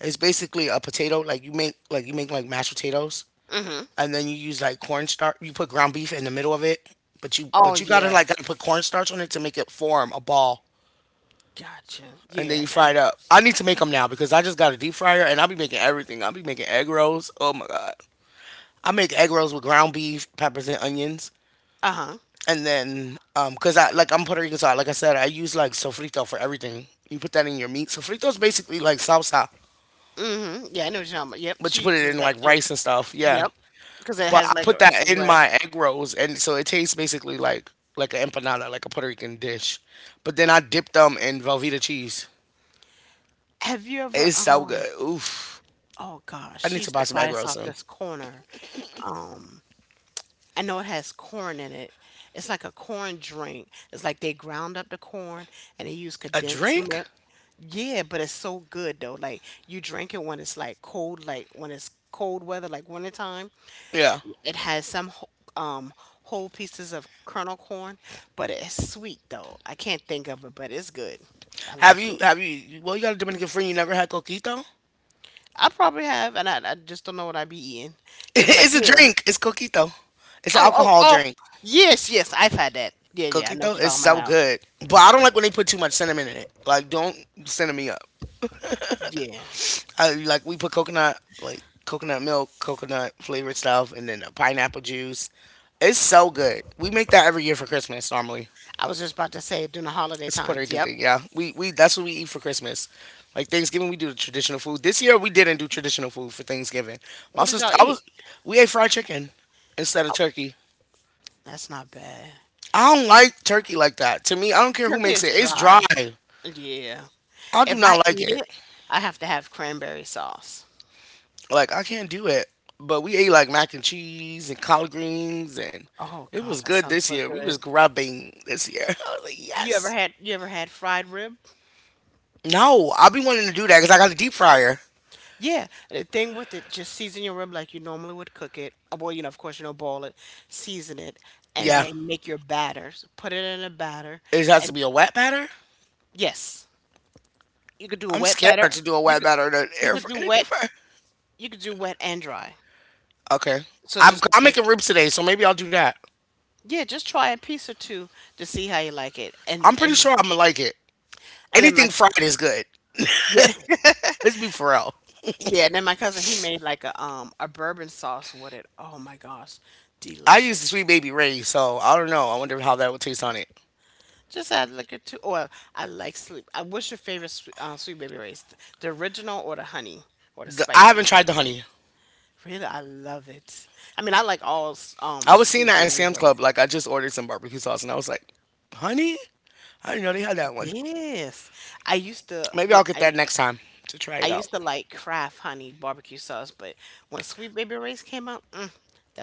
S1: It's basically a potato like you make like you make like mashed potatoes
S2: mm-hmm.
S1: and then you use like cornstarch. You put ground beef in the middle of it, but you
S2: Oh,
S1: but you gotta
S2: yeah.
S1: like gotta put cornstarch on it to make it form a ball.
S2: Gotcha.
S1: And then
S2: Yeah.
S1: you fry
S2: And-—
S1: it up. I need to make them now because I just got a deep fryer and I'll be making everything. I'll be making egg rolls. Oh my god! I make egg rolls with ground beef, peppers, and onions.
S2: uh-huh.
S1: And then, um, cause I like I'm Puerto Rican, so I, like I said, I use like sofrito for everything. You put that in your meat. Sofrito is basically like salsa,
S2: Mm-hmm. Yeah, I know what you're talking about. Yep,
S1: but
S2: she
S1: you put it
S2: uses
S1: in
S2: that
S1: like
S2: too.
S1: rice and stuff. Yeah,
S2: Yep, because it
S1: but
S2: has
S1: I
S2: like a—
S1: put
S2: it's a
S1: that in
S2: red.
S1: my egg rolls, and so it tastes basically like like an empanada, like a Puerto Rican dish. But then I dip them in Velveeta cheese.
S2: Have you ever
S1: It's so
S2: um?
S1: good. Oof.
S2: Oh gosh,
S1: I
S2: she
S1: need to
S2: used
S1: buy
S2: to
S1: some
S2: buy
S1: egg
S2: us
S1: rolls
S2: off
S1: soon.
S2: this corner. Um, I know it has corn in it. It's like a corn drink. It's like they ground up the corn and they use
S1: A
S2: condensed
S1: drink?
S2: milk. Yeah, but it's so good though. Like you drink it when it's like cold, like when it's cold weather, like wintertime.
S1: Yeah.
S2: It has some wh-— um whole pieces of kernel corn, but it's sweet though. I can't think of it, but it's good. I
S1: Have
S2: like
S1: you
S2: it.
S1: have you? Well, you got a Dominican friend. You never had coquito?
S2: I probably have, and I, I just don't know what I'd be eating. They'll be like,
S1: It's a
S2: here.
S1: drink. It's coquito. It's an
S2: Oh, oh,
S1: alcohol
S2: oh.
S1: drink.
S2: Yes, yes, I've had that. Yeah, yeah, I know what
S1: Coquito
S2: you're
S1: is
S2: talking about
S1: so
S2: now.
S1: good, but I don't like when they put too much cinnamon in it. Like, don't cinnamon me up.
S2: Yeah.
S1: I, like we put coconut, like coconut milk, coconut flavored stuff, and then a pineapple juice. It's so good. We make that every year for Christmas normally.
S2: I was just about to say during the holiday
S1: It's a Puerto
S2: times.
S1: Rican
S2: Yep.
S1: thing, yeah. We we that's what we eat for Christmas. Like Thanksgiving, we do the traditional food. This year, we didn't do traditional food for Thanksgiving. My
S2: What did y'all
S1: sister, I
S2: eat?
S1: was We ate fried chicken instead of
S2: Oh,
S1: turkey.
S2: that's not bad.
S1: I don't like turkey like that. To me, I don't care who
S2: Turkey
S1: makes
S2: is
S1: it. It's dry.
S2: dry. Yeah.
S1: I do
S2: If I
S1: not like
S2: eat
S1: it.
S2: it, I have to have cranberry sauce.
S1: Like I can't do it. But we ate like mac and cheese and collard greens and
S2: Oh
S1: it was
S2: gosh, that
S1: good
S2: sounds
S1: this
S2: so
S1: year. We was
S2: good.
S1: grubbing this year. I was like,
S2: You ever
S1: yes.
S2: had you ever had fried rib?
S1: No, I'll be wanting to do that because I got a deep fryer.
S2: Yeah. The thing with it, just season your rib like you normally would cook it. Uh, Well, you know, of course you don't boil it. Season it and
S1: Yeah.
S2: then make your batters. Put it in a batter
S1: It has to
S2: and—
S1: be a wet batter?
S2: yes. You could do a
S1: I'm
S2: wet
S1: scared
S2: batter.
S1: to do a
S2: You
S1: wet
S2: could
S1: batter in an
S2: you
S1: air
S2: could
S1: fryer,
S2: do
S1: in a
S2: wet
S1: deep fryer.
S2: you could do wet and dry.
S1: Okay.
S2: So it
S1: I'm,
S2: just
S1: I'm
S2: depends—
S1: making ribs today, so maybe I'll do that.
S2: yeah, just try a piece or two to see how you like it, and
S1: I'm pretty
S2: and
S1: sure I'm going to like it.
S2: and then my—
S1: Anything fried is good.
S2: yeah,
S1: Let's be for real.
S2: yeah, and then my cousin, he made, like, a, um, a bourbon sauce with it. Oh my gosh,
S1: I
S2: delicious.
S1: used the Sweet Baby Ray, so I don't know. I wonder how that would taste on it.
S2: Just add, like, a two, or— I like sleep— uh, what's your favorite swe-— uh, Sweet Baby Ray's? The original or the honey or the
S1: The, I haven't
S2: spicy?
S1: tried the honey.
S2: Really? I love it. I mean, I like all s-—
S1: I
S2: um,
S1: was seeing
S2: Sweet
S1: that at
S2: Baby
S1: Sam's
S2: Ray's.
S1: Club. Like I just ordered some barbecue sauce and I was like, honey, I didn't know they had that one.
S2: Yes. I used to,
S1: Maybe
S2: you know,
S1: I'll get
S2: I
S1: that next time to try
S2: I
S1: it out.
S2: used to like Kraft honey barbecue sauce, but when Sweet Baby Ray's came out, mm,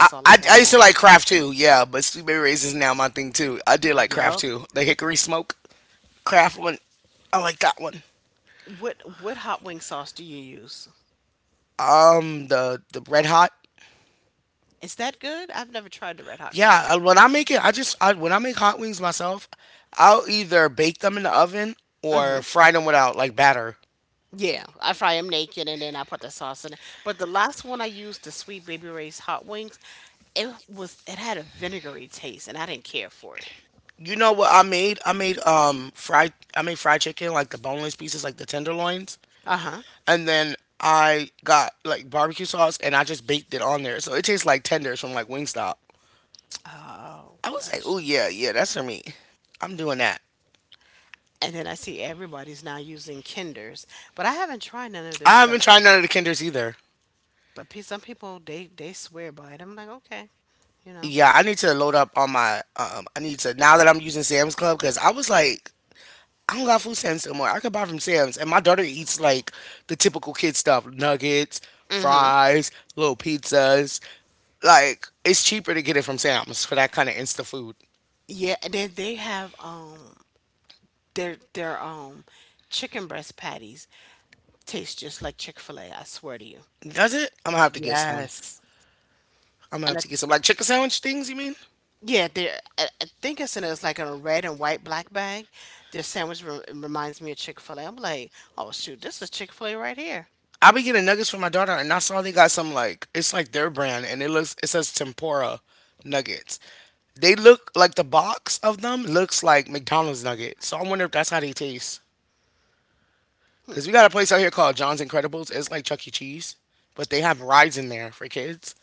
S1: I,
S2: all I
S1: I,
S2: buy
S1: I used to
S2: now.
S1: like Kraft too, yeah, but Sweet Baby Ray's is now my thing too. I did like Kraft
S2: Yup.
S1: too. The hickory smoke Kraft one, I like that one.
S2: What what hot wing sauce do you use?
S1: Um, the the red hot,
S2: Is that good? I've never tried the red hot
S1: yeah.
S2: kind.
S1: uh, When I make it, I just I, when I make hot wings myself, I'll either bake them in the oven
S2: Hmm.
S1: or fry them without like batter.
S2: Yeah, I fry them naked and then I put the sauce in it. But the last one I used, the Sweet Baby Ray's hot wings, it was— it had a vinegary taste and I didn't care for it.
S1: You know what I made? I made um fried I made fried chicken like the boneless pieces, like the tenderloins,
S2: Uh huh.
S1: and then I got like barbecue sauce and I just baked it on there. So it tastes like tenders from like Wingstop.
S2: Oh,
S1: I was like, "Oh
S2: gotcha.
S1: yeah, yeah, that's for me. I'm doing that."
S2: And then I see everybody's now using Kinders, but I haven't tried none of their
S1: I
S2: stuff
S1: haven't tried
S2: yet.
S1: none of the Kinders either.
S2: But pe-— some people they they swear by it. I'm like, okay, you know.
S1: Yeah, I need to load up on my um I need to now that I'm using Sam's Club cuz I was like I don't got food stamps anymore. I could buy from Sam's and my daughter eats like the typical kid stuff, nuggets,
S2: Hmm.
S1: fries, little pizzas. Like, it's cheaper to get it from Sam's for that kind of insta food.
S2: Yeah, and then they have um their their um chicken breast patties taste just like Chick Fil A. I swear to you.
S1: Does it? I'm gonna have to get some.
S2: Yes.
S1: I'm gonna
S2: And
S1: have
S2: I—
S1: to get some like chicken sandwich things. You mean?
S2: yeah, they— I, I think it's in a— it's like in a red and white black bag. Their sandwich re-— reminds me of Chick Fil A. I'm like, oh shoot, this is Chick Fil A right here.
S1: I be getting nuggets for my daughter, and I saw they got some like it's like their brand, and it looks it says tempura nuggets. They look like the box of them looks like McDonald's nuggets. So I wonder if that's how they taste.
S2: Hmm.
S1: Cause we got a place out here called John's Incredibles. It's like Chuck E. Cheese, but they have rides in there for kids,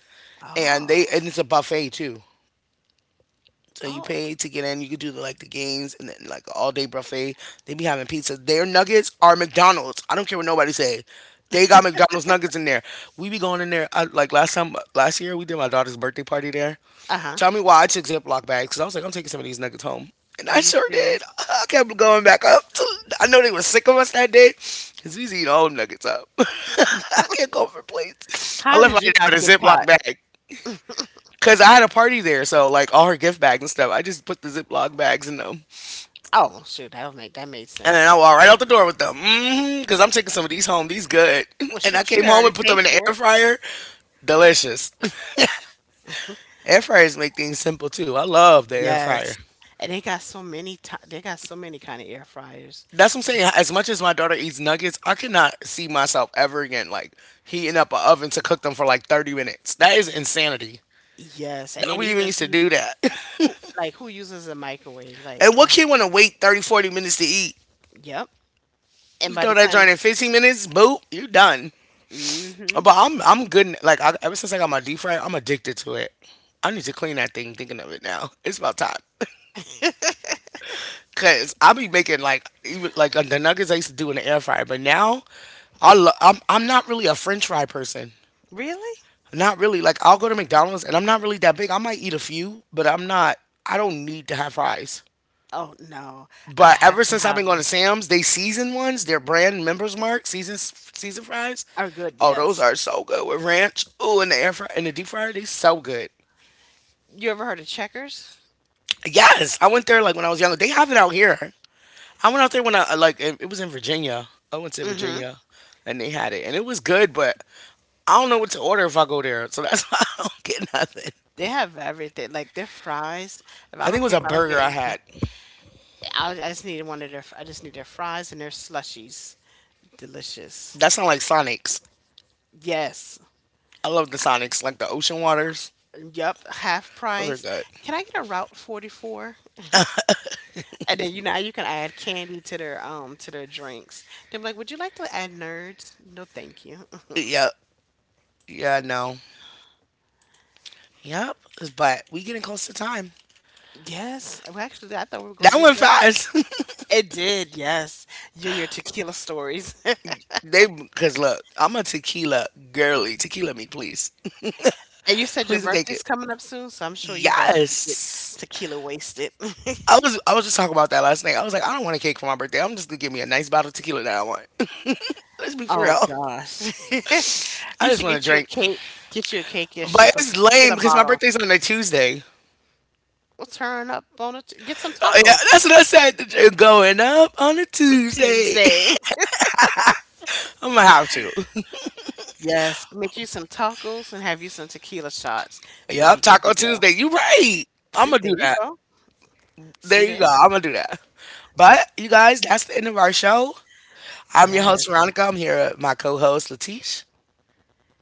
S1: and they
S2: Oh.
S1: and it's a buffet too. So you
S2: Oh,
S1: pay to get in. You could do the, like the games and then like all day buffet. They be having pizza. Their nuggets are McDonald's. I don't care what nobody say. They got McDonald's nuggets in there. We be going in there. I, like last time, last year we did my daughter's birthday party there.
S2: uh huh.
S1: Tell me why I took Ziploc bags because I was like, I'm taking some of these nuggets home. And
S2: Are
S1: I
S2: you
S1: sure
S2: serious?
S1: did. I kept going back up. To, I know they were sick of us that day because we was eating all them nuggets up. I can't go for plates. I
S2: How
S1: left out
S2: did you
S1: there
S2: not
S1: with a
S2: get
S1: Ziploc
S2: caught?
S1: bag. Cause I had a party there, so like all her gift bags and stuff, I just put the Ziploc bags in them, and
S2: Oh shoot, that would make— that made
S1: then
S2: sense.
S1: I walked right out the door with them. Hmm Cause I'm taking some of these home; these good.
S2: Well,
S1: And I
S2: shoot,
S1: came
S2: you
S1: home
S2: already
S1: and put them
S2: paid
S1: in the
S2: for
S1: air
S2: it.
S1: fryer. Delicious. Air fryers make things simple too. I love the air
S2: Yes.
S1: fryer.
S2: And they got so many ti-— they got so many kind of air fryers.
S1: That's what I'm saying. As much as my daughter eats nuggets, I cannot see myself ever again like heating up an oven to cook them for like thirty minutes. That is insanity.
S2: Yes. And
S1: That
S2: then
S1: we
S2: even
S1: even
S2: if
S1: used
S2: you
S1: to
S2: use—
S1: do that.
S2: who, like, who uses a microwave? Like,
S1: And what
S2: oh,
S1: kid want to wait thirty, forty minutes to eat?
S2: yep. And
S1: You
S2: by
S1: throw
S2: the
S1: that
S2: time,
S1: joint in fifteen minutes, boop, you done.
S2: mm hmm.
S1: But I'm I'm good. Like I, ever since I got my deep fryer, I'm addicted to it. I need to clean that thing. Thinking of it now, it's about time. Cause I be making like even like uh, the nuggets I used to do in the air fryer, but now I lo- I'm I'm not really a French fry person.
S2: Really?
S1: Not really. Like I'll go to McDonald's and I'm not really that big. I might eat a few, but I'm not. I don't need to have fries.
S2: Oh no, I
S1: But
S2: have
S1: ever
S2: to
S1: since I've been
S2: have
S1: going to
S2: them.
S1: Sam's, they season ones, their brand members mark season season fries.
S2: Are good,
S1: Oh, those
S2: yes.
S1: are so good with ranch. Ooh, in the air fryer, in the deep fryer, they so good.
S2: You ever heard of Checkers?
S1: Yes, I went there like when I was younger. They have it out here. I went out there when I uh, like it, it was in Virginia. I went to
S2: Mm-hmm.
S1: Virginia, and they had it, and it was good. But I don't know what to order if I go there, so that's why I don't get nothing.
S2: They have everything. Like their fries. If I
S1: I
S2: don't
S1: think it
S2: care,
S1: was
S2: if
S1: a
S2: I don't get
S1: burger I
S2: anything,
S1: had.
S2: I, I just need one of their— I just need their fries and their slushies. Delicious.
S1: That sound like Sonics.
S2: Yes.
S1: I love the Sonics, like the ocean waters.
S2: Yep, half
S1: Those are
S2: price.
S1: good.
S2: Can I get a Route forty-four? And then you know you can add candy to their um to their drinks. Then be like, would you like to add nerds? No, thank you.
S1: Yep. Yeah. No. Yep. But we getting close to time.
S2: Yes, well, actually, I thought we were gonna
S1: That
S2: do
S1: went
S2: thirty.
S1: fast.
S2: It did, yes. You and your tequila stories.
S1: They because look, I'm a tequila girly. Tequila me, please.
S2: And you said your
S1: Please and take
S2: birthday's
S1: it.
S2: coming up soon, so I'm sure you about to get
S1: Yes.
S2: tequila wasted.
S1: I was I was just talking about that last night. I was like, I don't want a cake for my birthday. I'm just gonna give me a nice bottle of tequila that I want. Let's be for
S2: Oh
S1: real.
S2: gosh.
S1: I
S2: You
S1: just
S2: should
S1: want to
S2: get you a
S1: drink,
S2: cake. Get you a cake in the
S1: but
S2: shape of a
S1: it's lame
S2: tequila
S1: because my
S2: bottle.
S1: birthday's on a Tuesday.
S2: We'll turn up on a t-— get some
S1: Uh, yeah,
S2: tacos
S1: that's what I said. J- Going up on a
S2: on
S1: Tuesday.
S2: Tuesday.
S1: I'm gonna have to.
S2: Yes, make you some tacos and have you some tequila shots. You'll
S1: Yup,
S2: be good to
S1: Taco
S2: go.
S1: Tuesday. You right. I'm
S2: See,
S1: gonna
S2: there
S1: do
S2: you
S1: that.
S2: go. See
S1: There you go.
S2: there?
S1: I'm gonna do that. But you guys, that's the end of our show. I'm your host
S2: Yes.
S1: Veronica. I'm here with my co-host Latish.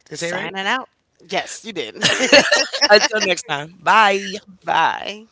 S1: Did I say it right?
S2: Signing out. Yes, you did.
S1: Until next time. Bye.
S2: Bye.